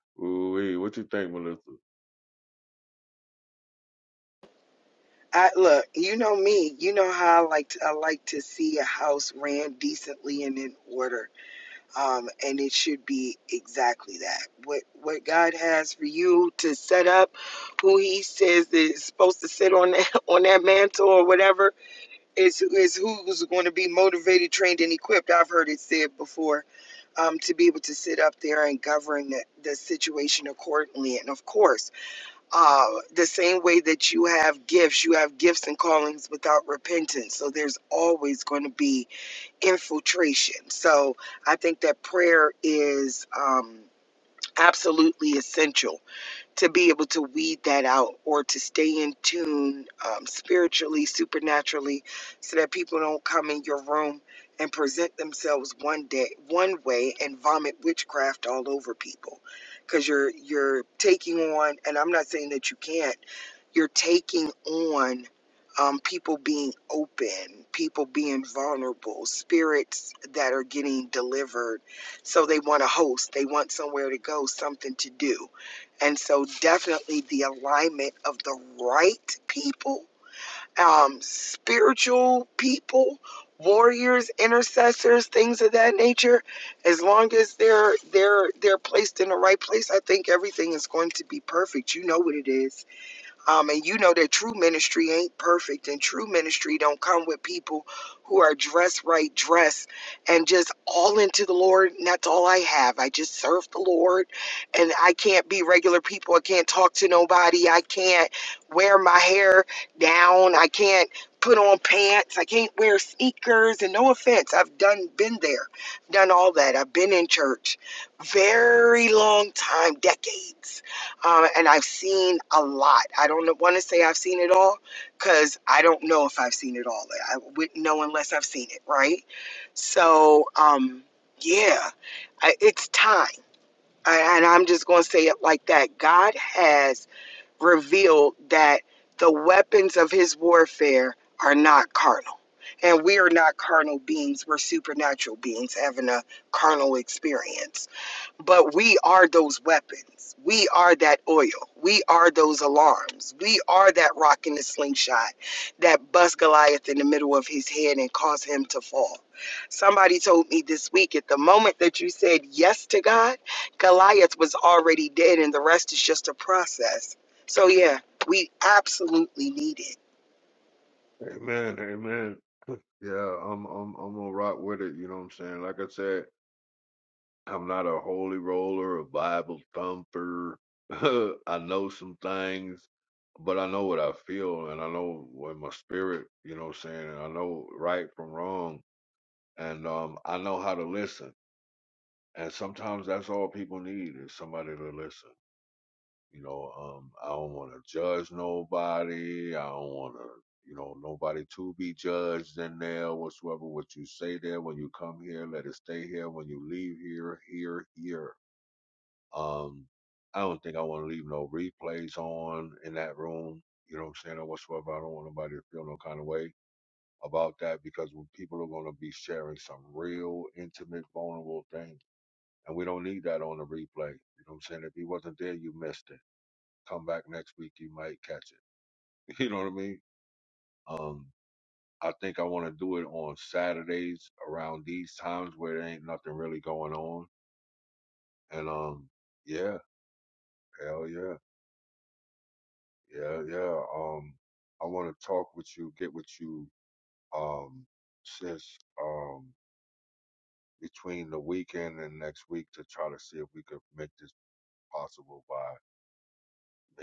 S3: (laughs) Ooh, what you think, Melissa?
S7: I look, you know me. You know how I like to, I like to see a house ran decently and in order. Um, and it should be exactly that. What what God has for you to set up, who He says that is supposed to sit on that (laughs) on that mantle or whatever is is who's going to be motivated, trained, and equipped. I've heard it said before um, to be able to sit up there and govern the, the situation accordingly. And of course. uh, the same way that you have gifts, you have gifts and callings without repentance. So there's always going to be infiltration. So I think that prayer is um, absolutely essential to be able to weed that out or to stay in tune um, spiritually, supernaturally, so that people don't come in your room and present themselves one day, one way, and vomit witchcraft all over people. Because you're you're taking on, and I'm not saying that you can't you're taking on um, people being open, people being vulnerable, spirits that are getting delivered. So they want a host, they want somewhere to go, something to do. And so, definitely the alignment of the right people, um, spiritual people, warriors, intercessors, things of that nature. As long as they're they're they're placed in the right place, I think everything is going to be perfect. You know what it is um, and you know that true ministry ain't perfect, and true ministry don't come with people who are dressed right, dressed, and just all into the Lord. And that's all I have. I just serve the Lord, and I can't be regular people. I can't talk to nobody. I can't wear my hair down. I can't put on pants. I can't wear sneakers. And no offense, I've done been there, done all that. I've been in church very long time, decades um, and I've seen a lot. I don't want to say I've seen it all because I don't know if I've seen it all. eh, I wouldn't know unless I've seen it, right? So, um, yeah, I, it's time. I, and I'm just going to say it like that. God has revealed that the weapons of his warfare are not carnal. And we are not carnal beings, we're supernatural beings having a carnal experience. But we are those weapons. We are that oil. We are those alarms. We are that rock in the slingshot that busts Goliath in the middle of his head and cause him to fall. Somebody told me this week at the moment that you said yes to God, Goliath was already dead, and the rest is just a process. So, yeah, we absolutely need it.
S3: Amen. Amen. Yeah, I'm, I'm, I'm gonna rock with it. You know what I'm saying? Like I said, I'm not a holy roller, a Bible thumper. (laughs) I know some things, but I know what I feel and I know when my spirit, you know what I'm saying, and I know right from wrong and um I know how to listen. And sometimes that's all people need is somebody to listen. You know, um I don't wanna judge nobody. I don't wanna you know, nobody to be judged in there whatsoever. What you say there when you come here, let it stay here. When you leave here, here, here um, I don't think I want to leave no replays on in that room. You know what I'm saying, or whatsoever. I don't want nobody to feel no kind of way about that because when people are going to be sharing some real intimate, vulnerable things, and we don't need that on the replay. You know what I'm saying? If he wasn't there, you missed it. Come back next week, you might catch it. (laughs) You know what I mean? Um, I think I want to do it on Saturdays around these times where there ain't nothing really going on. And um, yeah, hell yeah. Yeah, yeah. Um, I want to talk with you, get with you, um, since um between the weekend and next week to try to see if we could make this possible by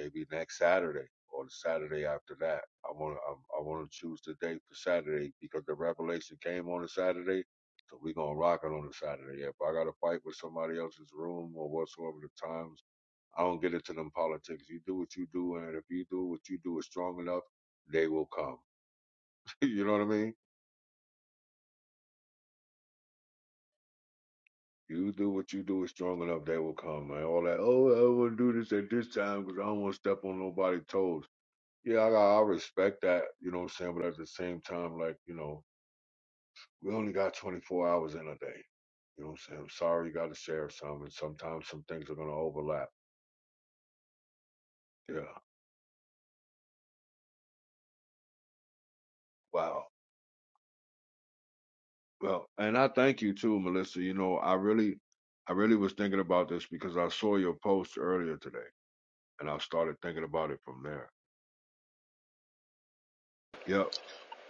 S3: maybe next Saturday or the Saturday after that. I want to I, I want to choose the date for Saturday because the revelation came on a Saturday, so we're gonna rock it on a Saturday. If I got to fight with somebody else's room or whatsoever the times, I don't get into them politics. You do what you do, and if you do what you do is strong enough, they will come You know what I mean? You do what you do is strong enough, they will come. Man. All that, oh, I don't want to do this at this time because I don't want to step on nobody's toes. Yeah, I, I respect that, you know what I'm saying? But at the same time, like, you know, we only got 24 hours in a day. You know what I'm saying? I'm sorry you got to share some, and sometimes some things are going to overlap. Yeah. Wow. Well, and I thank you too, Melissa. You know, I really, I really was thinking about this because I saw your post earlier today, and I started thinking about it from there. Yep.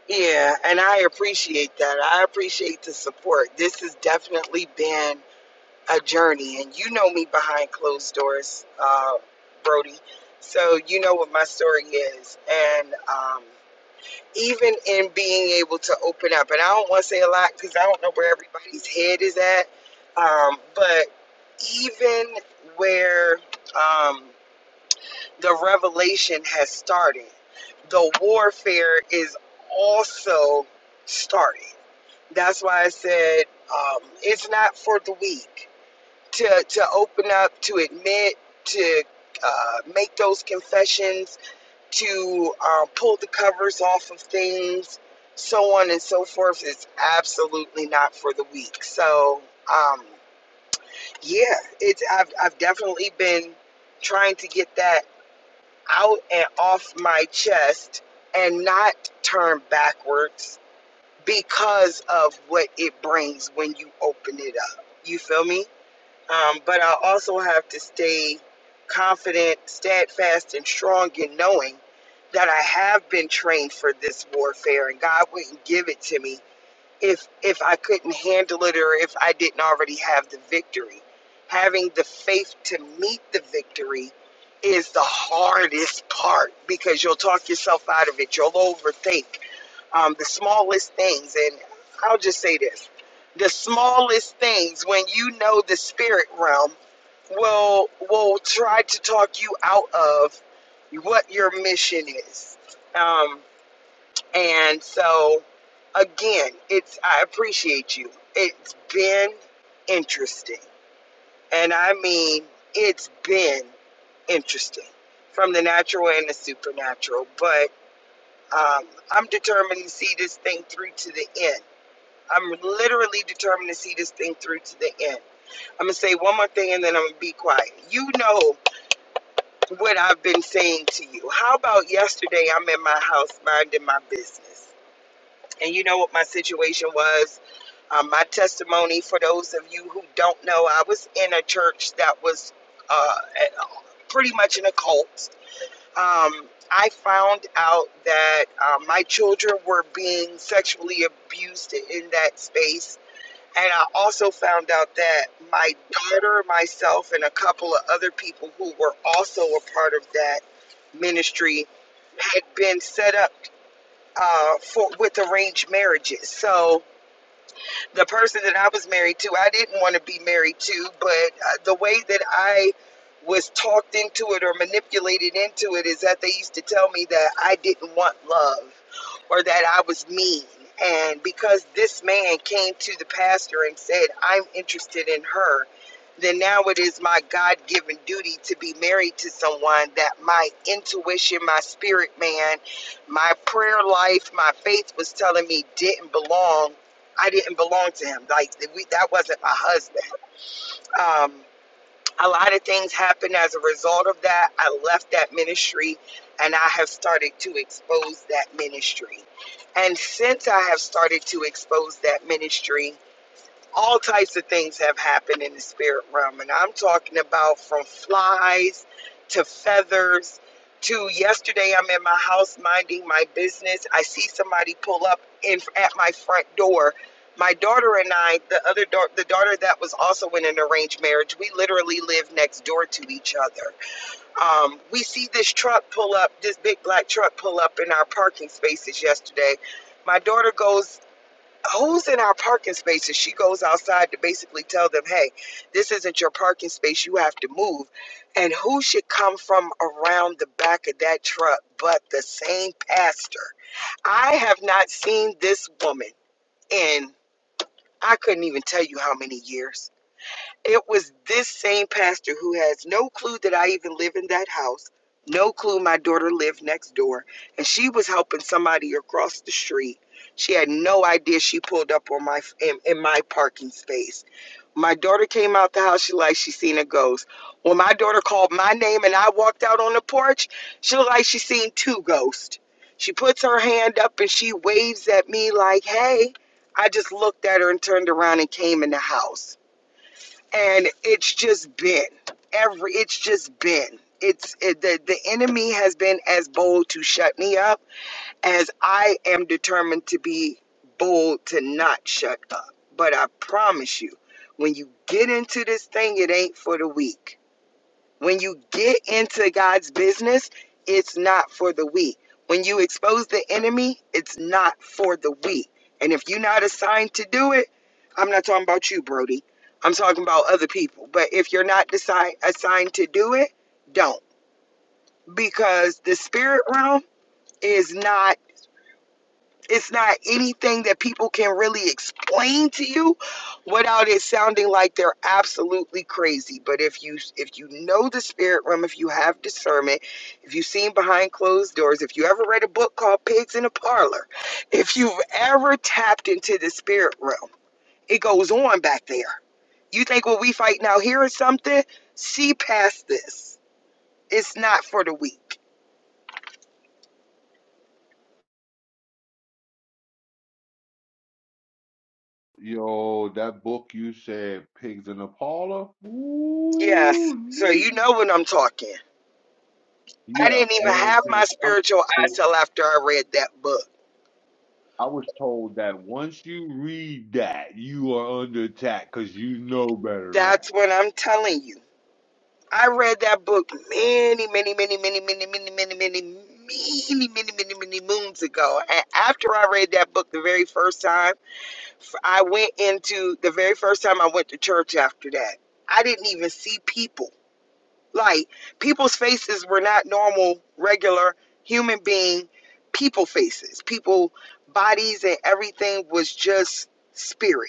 S7: Yeah, and I appreciate that. I appreciate the support. This has definitely been a journey, and you know me behind closed doors, uh, Brody. So you know what my story is, and um, even in being able to open up, and I don't want to say a lot because I don't know where everybody's head is at, um, but even where um, the revelation has started, the warfare is also starting. That's why I said um, it's not for the weak to to open up, to admit, to uh, make those confessions, to um, pull the covers off of things, so on and so forth, is absolutely not for the weak. So, um, yeah, it's I've I've definitely been trying to get that out and off my chest and not turn backwards because of what it brings when you open it up. You feel me? Um, but I also have to stay confident, steadfast, and strong in knowing that I have been trained for this warfare and God wouldn't give it to me if if I couldn't handle it or if I didn't already have the victory. Having the faith to meet the victory is the hardest part because you'll talk yourself out of it. You'll overthink um, the smallest things. And I'll just say this the smallest things, when you know the spirit realm, will, will try to talk you out of what your mission is. Um, and so, again, it's I appreciate you. It's been interesting, and I mean, it's been interesting from the natural and the supernatural. But um, I'm determined to see this thing through to the end. I'm literally determined to see this thing through to the end. I'm gonna say one more thing, and then I'm gonna be quiet. You know what I've been saying to you. How about yesterday? I'm in my house minding my business. And you know what my situation was. Um, my testimony, for those of you who don't know, I was in a church that was uh, pretty much in a cult. Um, I found out that uh, my children were being sexually abused in that space. And I also found out that my daughter, myself, and a couple of other people who were also a part of that ministry had been set up uh, for with arranged marriages. So the person that I was married to, I didn't want to be married to, but uh, the way that I was talked into it or manipulated into it is that they used to tell me that I didn't want love or that I was mean. And because this man came to the pastor and said, I'm interested in her, then now it is my God given duty to be married to someone that my intuition, my spirit man, my prayer life, my faith was telling me didn't belong I didn't belong to him. Like we, that wasn't my husband. Um, a lot of things happened as a result of that. I left that ministry, and I have started to expose that ministry. And since I have started to expose that ministry, all types of things have happened in the spirit realm and i'm talking about from flies to feathers to yesterday i'm in my house minding my business i see somebody pull up in at my front door my daughter and i the other daughter the daughter that was also in an arranged marriage we literally live next door to each other um, we see this truck pull up this big black truck pull up in our parking spaces yesterday my daughter goes who's in our parking spaces she goes outside to basically tell them hey this isn't your parking space you have to move and who should come from around the back of that truck but the same pastor i have not seen this woman in i couldn't even tell you how many years it was this same pastor who has no clue that I even live in that house, no clue my daughter lived next door, and she was helping somebody across the street. She had no idea she pulled up on my in, in my parking space. My daughter came out the house. She like she seen a ghost. When my daughter called my name and I walked out on the porch, she looked like she seen two ghosts. She puts her hand up and she waves at me like, "Hey." I just looked at her and turned around and came in the house and it's just been every it's just been it's it, the the enemy has been as bold to shut me up as I am determined to be bold to not shut up but I promise you when you get into this thing it ain't for the weak when you get into God's business, it's not for the weak. When you expose the enemy, it's not for the weak. And if you're not assigned to do it, I'm not talking about you, Brody. I'm talking about other people. But if you're not decide, assigned to do it, don't. Because the spirit realm is not. It's not anything that people can really explain to you without it sounding like they're absolutely crazy. But if you if you know the spirit realm, if you have discernment, if you've seen behind closed doors, if you ever read a book called Pigs in a Parlor, if you've ever tapped into the spirit realm, it goes on back there. You think what we fighting out here is something? See past this. It's not for the weak.
S3: Yo, that book you said, Pigs in Impala.
S7: Yes.
S3: Ooh,
S7: So you
S3: nigga.
S7: know what I'm talking. I
S3: yeah,
S7: didn't even
S3: you know
S7: have
S3: what I'm saying.
S7: my
S3: I was,
S7: spiritual eye
S3: told,
S7: till after I read that book.
S3: I was told that once you read that, you are under attack because you know better now.
S7: That's what I'm telling you. I read that book many, many, many, many, many, many, many, many, many, many, many, many moons ago. And after I read that book the very first time, I went into the very first time I went to church after that. I didn't even see people. Like, people's faces were not normal, regular human being people faces. People, bodies, and everything was just spirit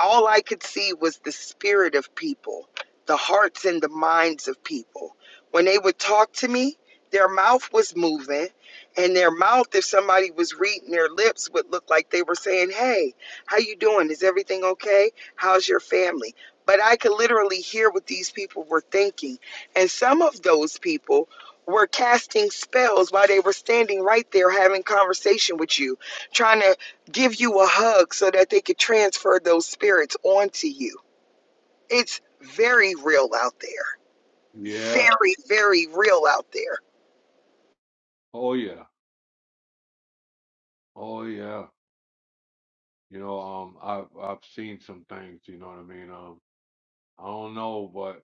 S7: all I could see was the spirit of people, the hearts and the minds of people. When they would talk to me, their mouth was moving, and their mouth, if somebody was reading their lips, would look like they were saying, "Hey, how you doing? Is everything okay? How's your family?" But I could literally hear what these people were thinking, and some of those people were casting spells while they were standing right there having conversation with you, trying to give you a hug so that they could transfer those spirits onto you. It's very real out there.
S3: Yeah.
S7: Very, very real out there.
S3: Oh yeah. Oh yeah. You know, um, I've I've seen some things. You know what I mean. Um, I don't know, but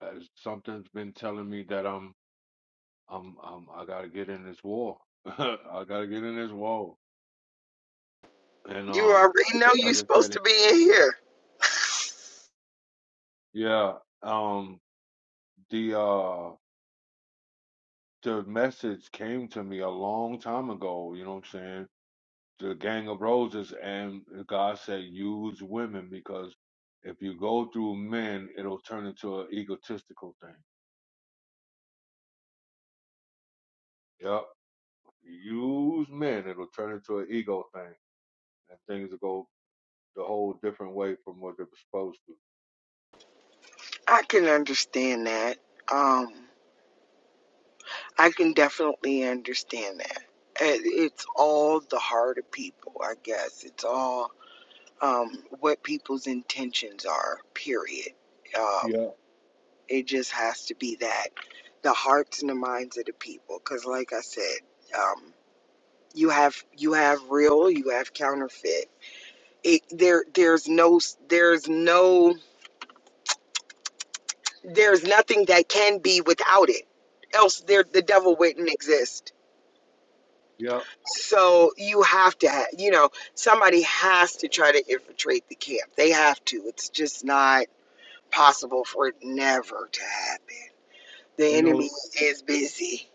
S3: uh, something's been telling me that I'm I'm I'm I gotta get in this war. (laughs) I gotta get in this war, and
S7: You
S3: um,
S7: already know you're
S3: like I said.
S7: supposed to be in here.
S3: Yeah, um, the uh the message came to me a long time ago, you know what I'm saying? The Gang of Roses and God said use women because if you go through men, it'll turn into an egotistical thing. Yep. Use men, it'll turn into an ego thing. And things will go the whole different way from what they were supposed to.
S7: I can understand that. Um, I can definitely understand that. It- It's all the heart of people, I guess. It's all um, what people's intentions are, period. Um,
S3: Yeah.
S7: It just has to be that the hearts and the minds of the people. Because, like I said, um, you have you have real, you have counterfeit. It, there, there's no, there's no, there's nothing that can be without it. Else, there, the devil wouldn't exist.
S3: Yeah.
S7: So you have to, ha- you know, somebody has to try to infiltrate the camp. They have to. It's just not possible for it never to happen. The
S3: You know,
S7: enemy is busy.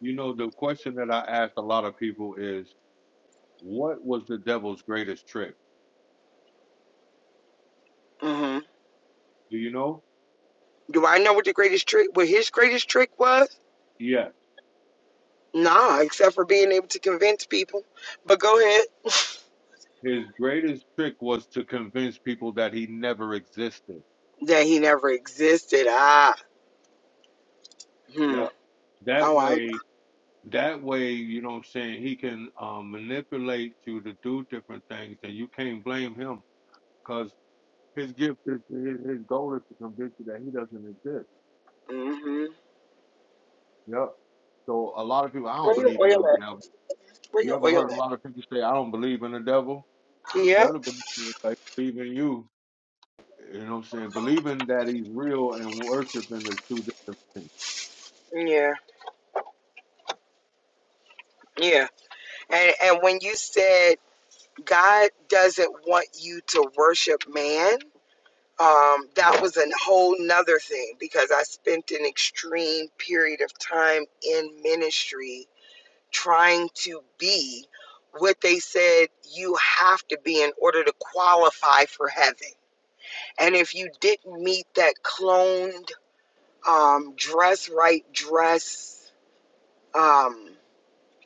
S3: you know, the question that I ask a lot of people is, what was the devil's greatest trick?
S7: hmm
S3: Do you know?
S7: Do I know what the greatest trick, what his greatest trick was?
S3: Yeah,
S7: Nah, except for being able to convince people. But go ahead. (laughs)
S3: his greatest trick was to convince people that he never existed.
S7: That he never existed. Ah. Hmm.
S3: Yep. That
S7: Oh, I.
S3: way, that way, you know what I'm saying, he can um, manipulate you to do different things, and you can't blame him because his gift is his, his goal is to convince you that he doesn't exist.
S7: Mm-hmm.
S3: Yep. So a lot of people, I don't
S7: Where your
S3: believe in
S7: oil
S3: no
S7: at?
S3: devil.
S7: Where
S3: You
S7: your
S3: ever
S7: oil
S3: heard a
S7: at?
S3: lot of people say, "I don't believe in the devil"? You
S7: Yeah.
S3: better believe in it, like believe in you. You know what I'm saying? Believing that he's real and worshiping is two different things.
S7: Yeah. Yeah. And and when you said God doesn't want you to worship man, um, that
S3: Yeah,
S7: was a whole nother thing because I spent an extreme period of time in ministry trying to be what they said you have to be in order to qualify for heaven. And if you didn't meet that cloned um, dress right dress um,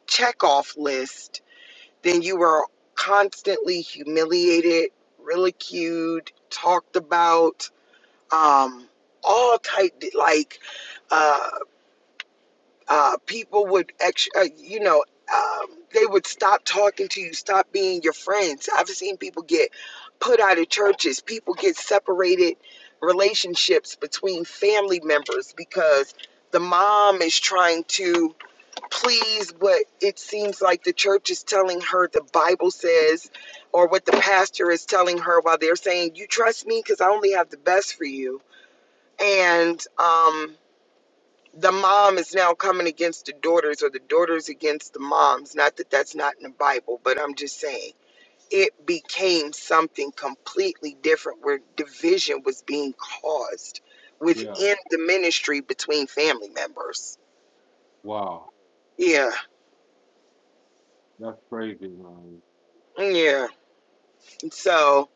S7: checkoff list, then you were constantly humiliated, ridiculed, talked about, um, all type like. uh, uh, people would actually, uh, you know, um, they would stop talking to you, stop being your friends. I've seen people get put out of churches, people get separated relationships between family members because the mom is trying to please what it seems like the church is telling her the Bible says or what the pastor is telling her while they're saying, You trust me because I only have the best for you. And, um, the mom is now coming against the daughters or the daughters against the moms. Not that that's not in the Bible, but I'm just saying it became something completely different where division was being caused
S3: yeah.
S7: within the ministry between family members.
S3: Wow,
S7: Yeah.
S3: that's crazy, man.
S7: Yeah. So,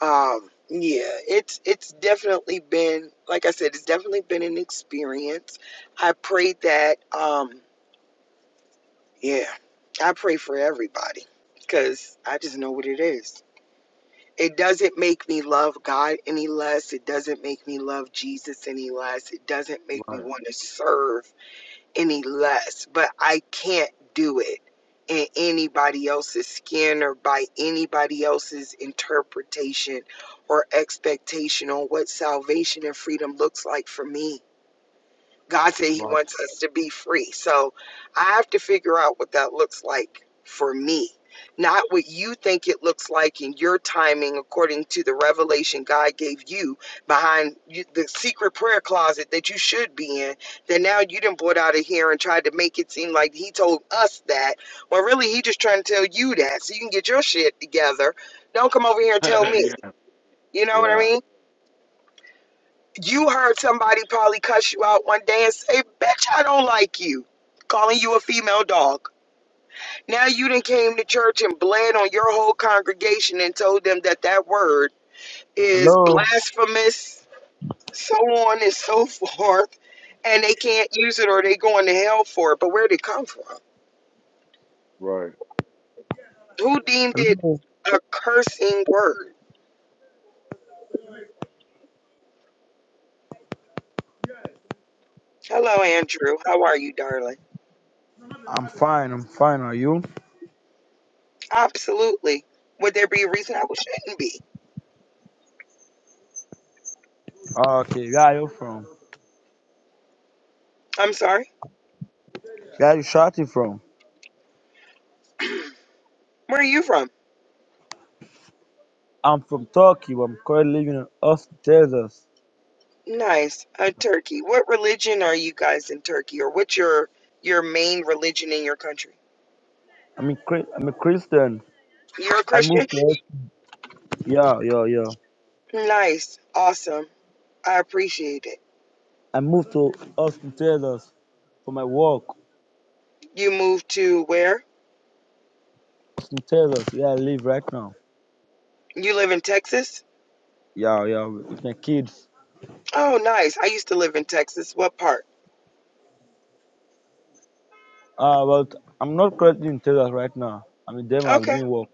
S7: um yeah, it's it's definitely been like I said, it's definitely been an experience. I pray that um Yeah, I pray for everybody because I just know what it is. It doesn't make me love God any less. It doesn't make me love Jesus any less. It doesn't make me
S3: Right,
S7: want to serve any less. But I can't do it in anybody else's skin or by anybody else's interpretation or expectation on what salvation and freedom looks like for me. God said He
S3: right.
S7: wants us to be free. So I have to figure out what that looks like for me, not what you think it looks like in your timing according to the revelation God gave you behind you, the secret prayer closet that you should be in. That now you didn't brought out of here and tried to make it seem like He told us that, when really He just trying to tell you that so you can get your shit together. Don't come over here and tell
S3: (laughs)
S7: me.
S3: yeah,
S7: You know what I
S3: yeah,
S7: mean? You heard somebody probably cuss you out one day and say, Bitch, I don't like you, calling you a female dog. Now you done came to church and bled on your whole congregation and told them that that word is
S8: Hello,
S7: blasphemous, so on and so (laughs) forth, and they can't use it or they going to hell for it. But where did it come from?
S3: right.
S7: Who deemed it
S8: hello.
S7: a cursing word? Hello, Andrew. How are you, darling?
S8: I'm fine. I'm fine. Are you?
S7: Absolutely. Would there be a reason I shouldn't be?
S8: Ah, Okay. Where are you from?
S7: I'm sorry.
S8: Where are you shouting from?
S7: Where are you from?
S8: I'm from Turkey. but I'm currently living in Austin, Texas.
S7: Nice. Uh, Turkey. What religion are you guys in Turkey, or what's your your main religion in your country?
S8: I'm a Chri- I'm a Christian.
S7: You're a
S8: I
S7: Christian?
S8: moved to Austin. yeah yeah yeah.
S7: Nice. Awesome. I appreciate it.
S8: I moved to Austin, Texas for my work.
S7: You moved to where?
S8: Austin, Texas, where I live right now.
S7: You live in Texas?
S8: Yeah yeah, with my kids.
S7: Oh, nice. I used to live in Texas. What part?
S8: Uh, but I'm not currently in Texas right now. I'm in Denmark
S7: Okay.
S8: doing work.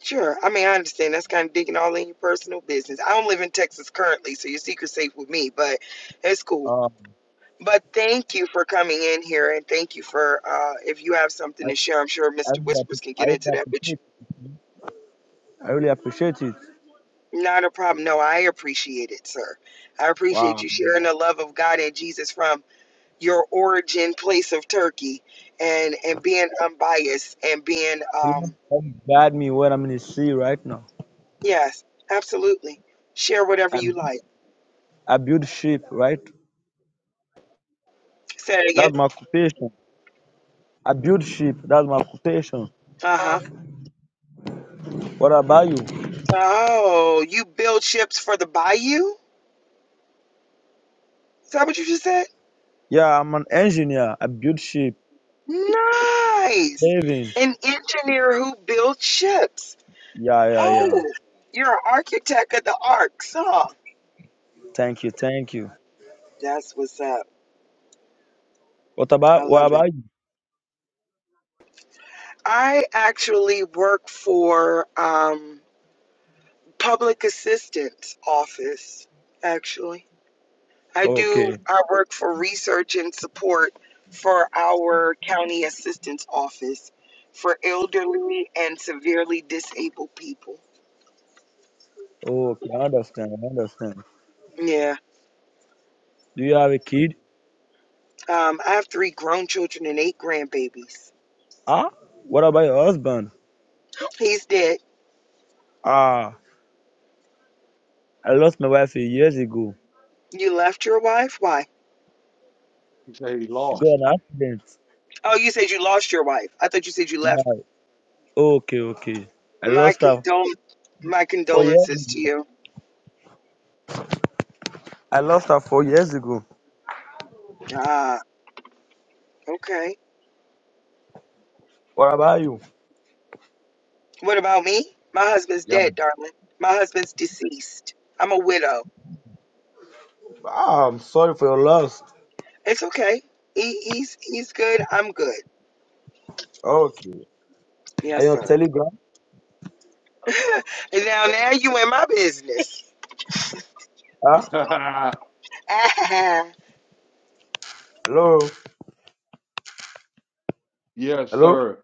S7: Sure. I mean, I understand that's kind of digging all in your personal business. I don't live in Texas currently, so your secret's safe with me, but it's cool.
S8: Uh,
S7: But thank you for coming in here, and thank you for uh, if you have
S8: I
S7: something to share. I'm sure
S8: I
S7: Mr.
S8: really
S7: Whispers
S8: app-
S7: can
S8: I
S7: get
S8: really
S7: into that with you.
S8: appreciate it. I really appreciate it.
S7: Not a problem. No, I appreciate it, sir. I appreciate
S8: Wow.
S7: you sharing the love of God and Jesus from your origin place of Turkey and and being unbiased and being
S8: The Lord
S7: um
S8: can guide me where I'm in the sea right now.
S7: yes, absolutely. Share whatever
S8: I,
S7: you like.
S8: I build sheep, right?
S7: Say it again.
S8: That's my occupation. I build sheep. That's my occupation.
S7: Uh-huh. Um,
S8: What about you?
S7: Oh, you build ships for the bayou? Is that what you just said?
S8: Yeah, I'm an engineer. I build sheep.
S7: Nice.
S8: Living.
S7: An engineer who builds ships.
S8: Yeah, yeah, yeah.
S7: Oh, you're an architect of the arcs, huh?
S8: Thank you, thank you.
S7: That's what's up.
S8: What
S7: I
S8: about
S7: love
S8: what
S7: it.
S8: about you?
S7: I actually work for um, public assistance office. Actually, I do.
S8: Okay.
S7: I work for research and support for our county assistance office for elderly and severely disabled people.
S8: Okay, I understand, I understand.
S7: Yeah,
S8: Do you have a kid?
S7: um, I have three grown children and eight grandbabies.
S8: Ah? What about your husband?
S7: He's dead.
S8: Ah, I lost my wife a years ago.
S7: You left your wife? Why?
S3: He said he
S8: She got
S3: lost.
S8: an accident.
S7: Oh, you said you lost your wife. I thought you said you left.
S8: Yeah. Okay, okay. I
S7: My
S8: lost her
S7: condol- my
S8: four years
S7: condolences to you.
S8: I lost her four years ago.
S7: Ah. Okay.
S8: What about you?
S7: What about me? My husband's
S8: Yeah.
S7: dead, darling. My husband's deceased. I'm a widow.
S8: Ah, I'm sorry for your loss.
S7: It's okay. He, he's he's good. I'm good.
S8: Okay. Are you
S7: Yes,
S8: on
S7: sir.
S8: Telegram?
S7: (laughs) and now now you in my business.
S8: Huh?
S3: (laughs)
S7: (laughs) yeah,
S8: Hello?
S3: yes,
S8: Hello?
S3: sir.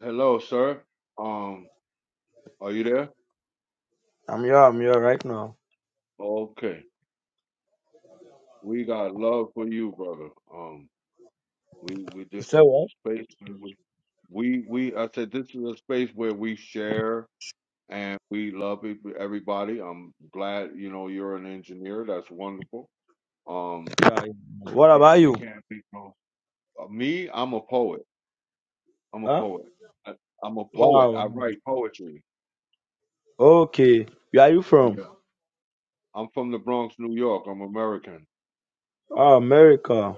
S3: Hello, sir. Um, are you there?
S8: I'm here. I'm here right now.
S3: Okay. We got love for you, brother. Um, we we
S8: You
S3: this
S8: said
S3: is a
S8: what?
S3: space where we we we I said this is a space where we share and we love e- everybody. I'm glad you know you're an engineer. That's wonderful. Um,
S8: Yeah. yeah. What
S3: yeah,
S8: about
S3: we
S8: you?
S3: can't be. Uh, Me, I'm a poet. I'm a
S8: Huh?
S3: poet. I, I'm a poet.
S8: Wow.
S3: I write poetry.
S8: Okay. Where are you from?
S3: Yeah. I'm from the Bronx, New York. I'm American.
S8: Ah, America.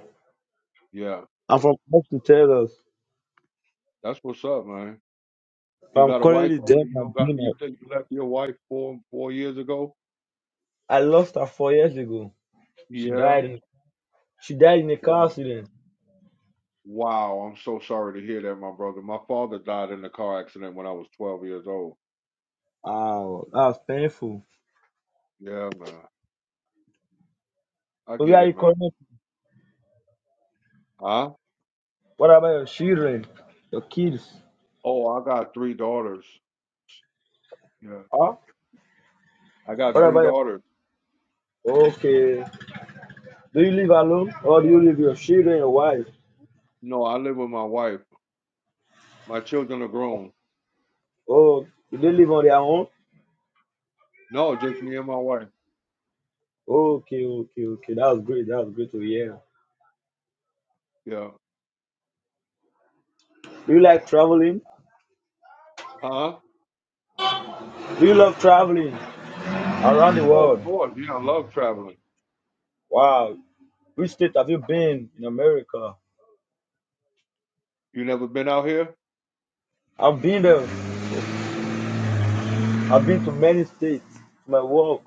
S3: Yeah.
S8: I'm from Austin, Texas.
S3: That's what's up, man. You
S8: I'm
S3: got a wife
S8: currently
S3: over
S8: dead
S3: there? You
S8: and
S3: don't got? You
S8: dinner.
S3: think you left your wife four four years ago?
S8: I lost her four years ago. She
S3: Yeah.
S8: died. in- She died in a car
S3: Wow.
S8: accident.
S3: Wow. I'm so sorry to hear that, my brother. My father died in a car accident when I was 12 years old.
S8: Oh, that was painful.
S3: Yeah, man. I
S8: So where
S3: get
S8: are you
S3: it, man.
S8: calling
S3: Huh?
S8: What about your children, your kids?
S3: Oh, I got three daughters. Yeah.
S8: Huh?
S3: I got
S8: What
S3: three
S8: about
S3: daughters.
S8: your Okay. Do you live alone or do you live with your children, your wife?
S3: No, I live with my wife. My children are grown.
S8: Oh, do they live on their own?
S3: No, just me and my wife.
S8: Okay, okay, okay. That was great. That was great to hear.
S3: Yeah.
S8: Do you like traveling?
S3: Huh?
S8: Do you love traveling around the
S3: Oh, of
S8: world?
S3: course. Yeah, I love traveling.
S8: Wow. Which state have you been in America?
S3: You never been out here?
S8: I've been there. I've been to many states. My work.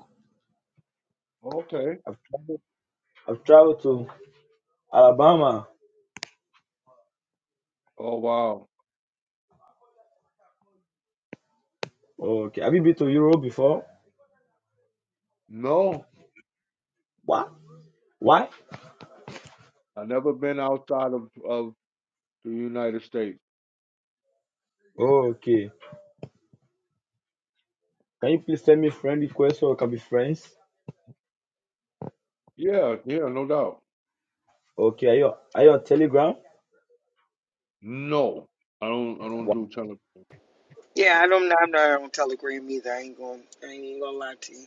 S3: Okay.
S8: I've traveled. I've traveled to Alabama.
S3: Oh, wow.
S8: Okay. Have you been to Europe before?
S3: No,
S8: What? Why?
S3: I never been outside of of the United States.
S8: Oh, okay. Can you please send me friend request so we can be friends?
S3: Yeah, yeah, no doubt.
S8: Okay, are you are you on Telegram?
S3: No, I don't. I don't
S8: Wha-
S3: do tele.
S7: I don't. I'm not on Telegram either. I ain't going. I ain't even gonna lie to you.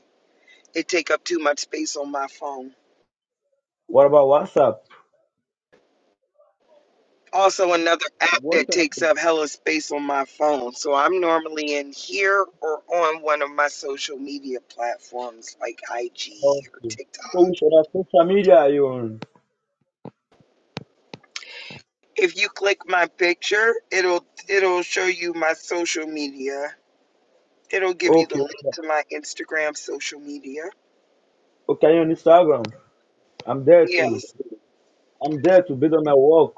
S7: It take up too much space on my phone.
S8: What about WhatsApp?
S7: Also, another app
S3: What's
S7: that takes
S3: happening?
S7: up hella space on my phone. So I'm normally in here or on one of my social media platforms like IG
S8: Oh,
S7: or TikTok.
S8: so which other social media are you on?
S7: If you click my picture, it'll it'll show you my social media. It'll give you the
S8: Okay,
S7: link
S8: okay,
S7: to my Instagram social media.
S8: Okay, are you on Instagram? I'm there too.
S7: Yes.
S8: I'm there to based on my work.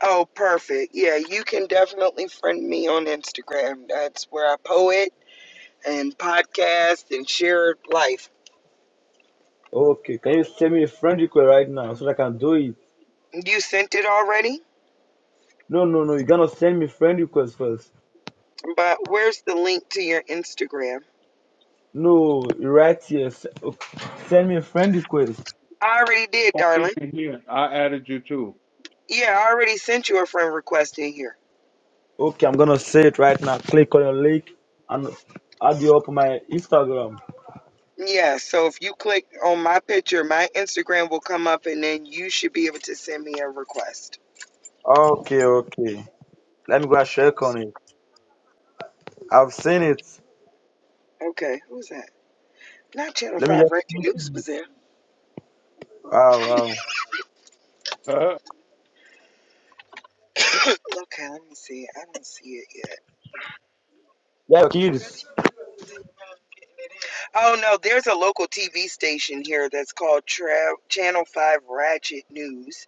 S7: Oh, perfect. Yeah, you can definitely friend me on Instagram. That's where I poet and podcast and share life.
S8: Okay, can you send me a friend request right now so that I can do it?
S7: You sent it already?
S8: No, no, no, you're gonna send me friend request first.
S7: But where's the link to your Instagram?
S8: No, right here. s- okay, Send me a friend request.
S7: I already did,
S3: Oh, wait
S7: darling.
S3: a minute here. I added you too.
S7: Yeah, I already sent you a friend request in here.
S8: Okay, I'm gonna say it right now. Click on your link and add you up on my Instagram.
S7: Yeah, so if you click on my picture, my Instagram will come up and then you should be able to send me a request.
S8: Okay, okay. Let me go and check on
S7: Oops.
S8: it. I've seen it.
S7: Okay, who's that? Not Channel
S8: Let me just.
S7: 5 Reggie News was there.
S8: Wow, wow.
S3: (laughs)
S7: Okay, let me see. I don't see it yet.
S8: Yeah, your kids.
S7: Reggie News is in around getting it in. Oh no, there's a local TV station here that's called Tra- Channel 5 Ratchet News.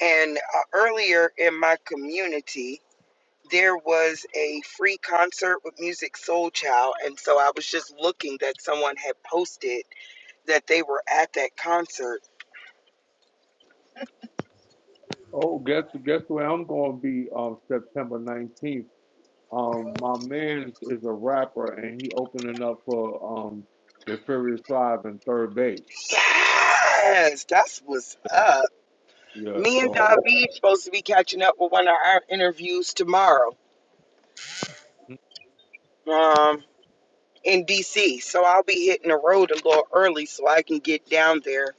S7: And uh, earlier in my community, there was a free concert with Music Soul Child, and so I was just looking that someone had posted that they were at that concert.
S3: oh, guess guess where I'm gonna be on September 19th. Um, my man is a rapper and he opening up for um the Furious Five and Third Base.
S7: Yes, that's what's up.
S3: Yeah,
S7: Me and
S3: so
S7: David supposed to be catching up with one of our interviews tomorrow.
S3: I,
S7: Um. In DC, so I'll be hitting the road a little early so I can get down there.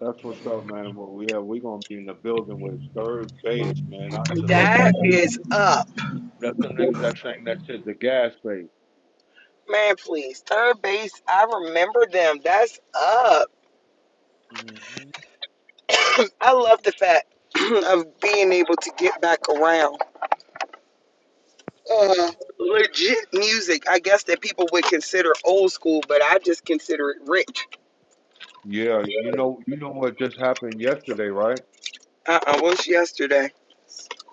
S3: that's what's up, man. Well, yeah, we gonna be in the building with third base, man. I just love
S7: That
S3: that's the,
S7: is up,
S3: that's them niggas that sang that shit, the gas base.
S7: man. Please, third base. I remember them. That's up.
S3: hmm
S7: I love the fact (clears throat) of being able to get back around uh, legit music. I guess that people would consider old school, but I just consider it rich.
S3: Yeah, you know, you know what just happened yesterday, right?
S7: Uh uh what's yesterday?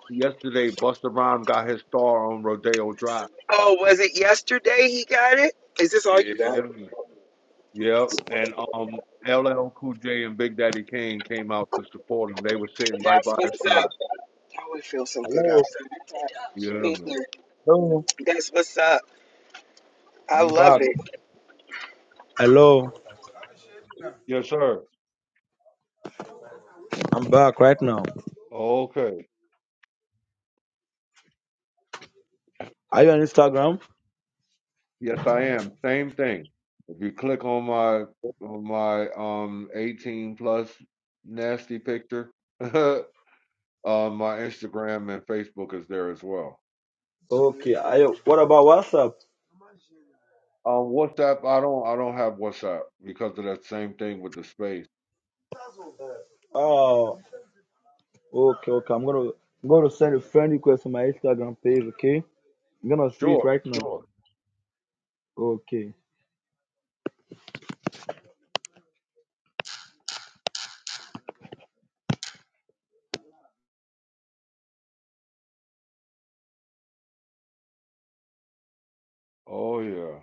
S3: Yesterday, Busta Rhymes got his star on Rodeo Drive.
S7: Oh, was it yesterday he got it? Is this all you got?
S3: Yeah, yep. And um, LL Cool J and Big Daddy Kane came out to support him. They were sitting right
S7: That's
S3: by his
S7: what's up.
S3: side.
S7: Oh, it feels so good
S8: Hello.
S7: outside.
S3: Yeah, man.
S7: Mm-mm.
S8: Hello.
S7: That's what's up. I
S8: I'm
S7: love
S8: back.
S7: it.
S8: Hello.
S3: Yes, sir.
S8: I'm back right now.
S3: Okay.
S8: Are you on Instagram?
S3: Yes, I am. Same thing. If you click on my on my um 18 plus nasty picture, (laughs) uh, my Instagram and Facebook is there as well.
S8: Okay. Are you, what about WhatsApp?
S3: Um, WhatsApp, I don't I don't have WhatsApp because of that same thing with the space.
S8: Oh, okay, okay. I'm gonna I'm gonna send a friend request on my Instagram page. Okay. I'm gonna see it
S3: Sure,
S8: right now.
S3: sure.
S8: Okay.
S3: Oh yeah,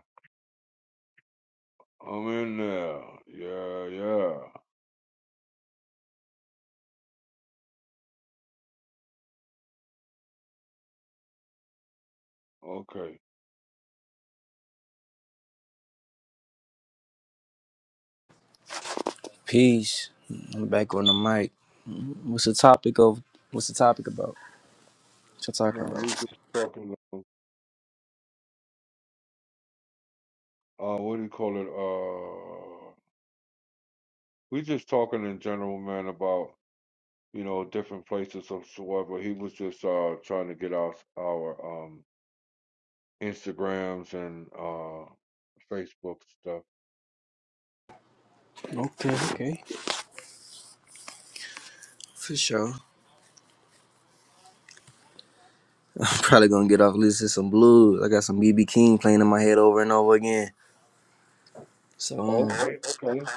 S3: I'm in there. Yeah, yeah. Okay.
S1: Peace. I'm back on the mic. What's the topic of? What's the topic about? What you talking
S3: No, we
S1: about?
S3: just talking. Uh, what do you call it? Uh, we just talking in general, man, about. you know, different places or whatsoever. He was just uh trying to get our our um Instagrams and uh Facebook stuff.
S1: Okay, okay. For sure. (laughs) I'm probably gonna get off listening to some blues. I got some BB King playing in my head over and over again. So. um,
S3: Okay, okay.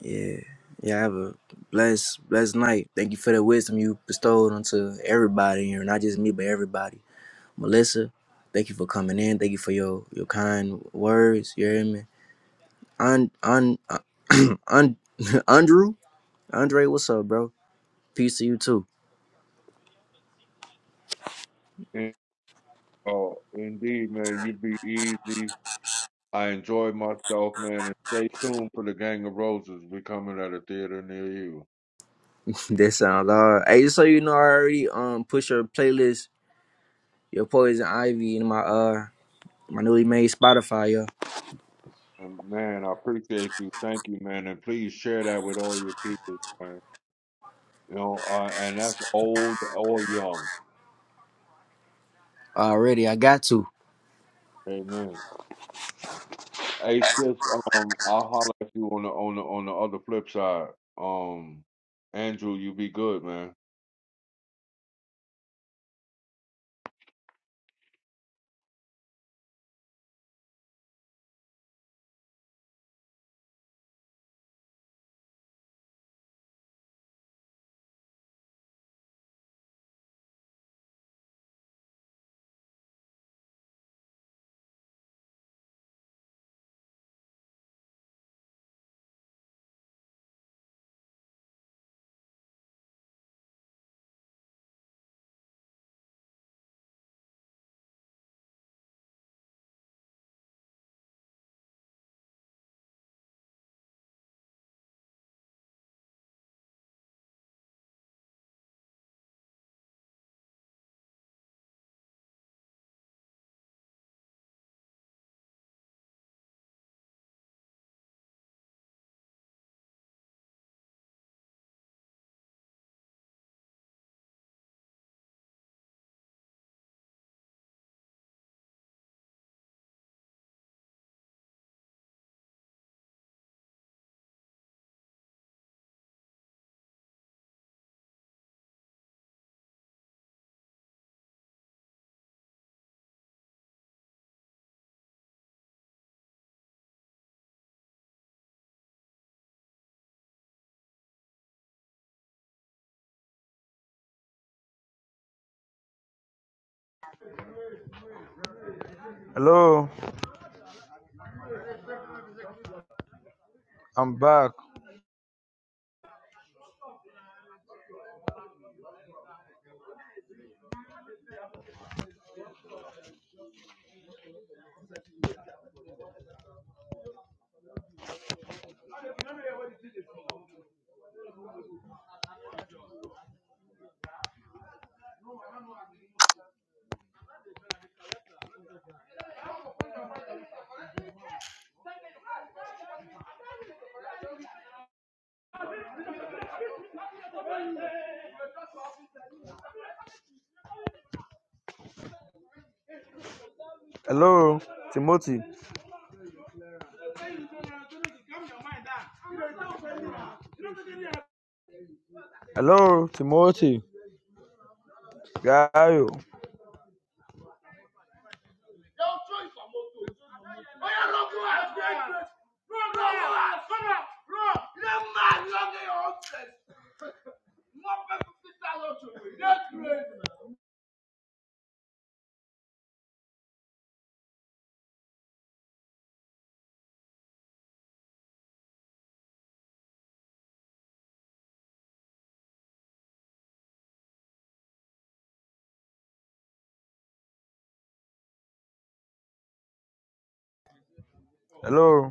S1: Yeah. Yeah, have a blessed, blessed night. Thank you for the wisdom you bestowed onto everybody here, not just me, but everybody. Melissa, thank you for coming in. Thank you for your your kind words. You hear me? Un, un, (clears throat) un, (laughs) Andrew? Andre, what's up, bro? Peace to you too.
S3: And, uh, indeed, man, you be easy. I enjoy myself, man, and stay tuned for the Gang of Roses. We coming at a theater near you.
S1: (laughs) that sounds hard. Hey, just so you know, I already um put your playlist, your Poison Ivy in my uh my newly made Spotify, yo.
S3: And man, I appreciate you. Thank you, man, and please share that with all your people, man. You know, uh, and that's old or young.
S1: Already, I got to.
S3: Amen. Hey, sis, um, I'll holler at you on the on the on the other flip side. Um, Andrew, you be good, man.
S8: Hello. I'm back. Hello, Timothy. Hello, Timothy. Gaio. Hello.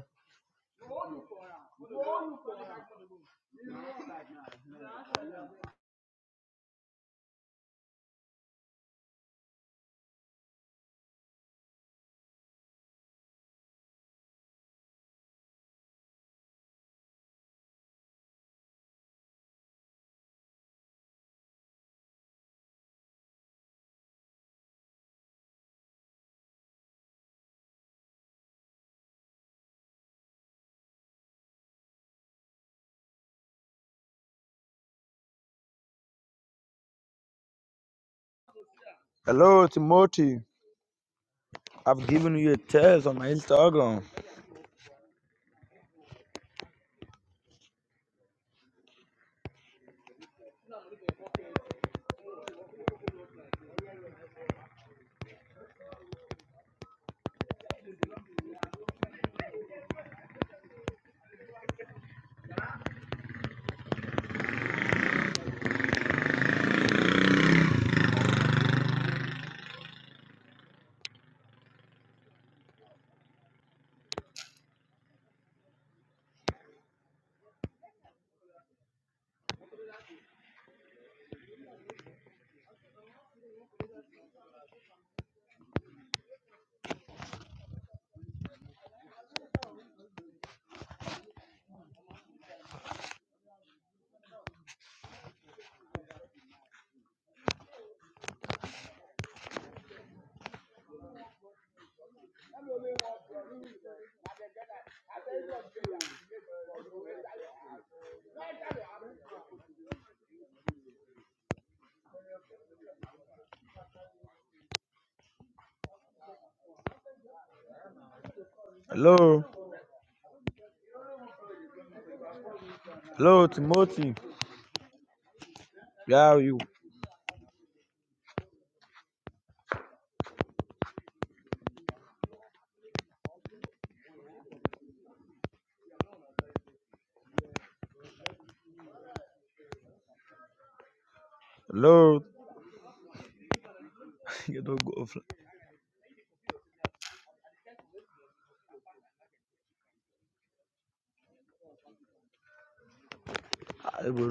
S8: Hello, Timothy. I've given you a test on my Instagram. Hello. Hello, Timothy. Where are you. Hello. (laughs) you don't go offline. I will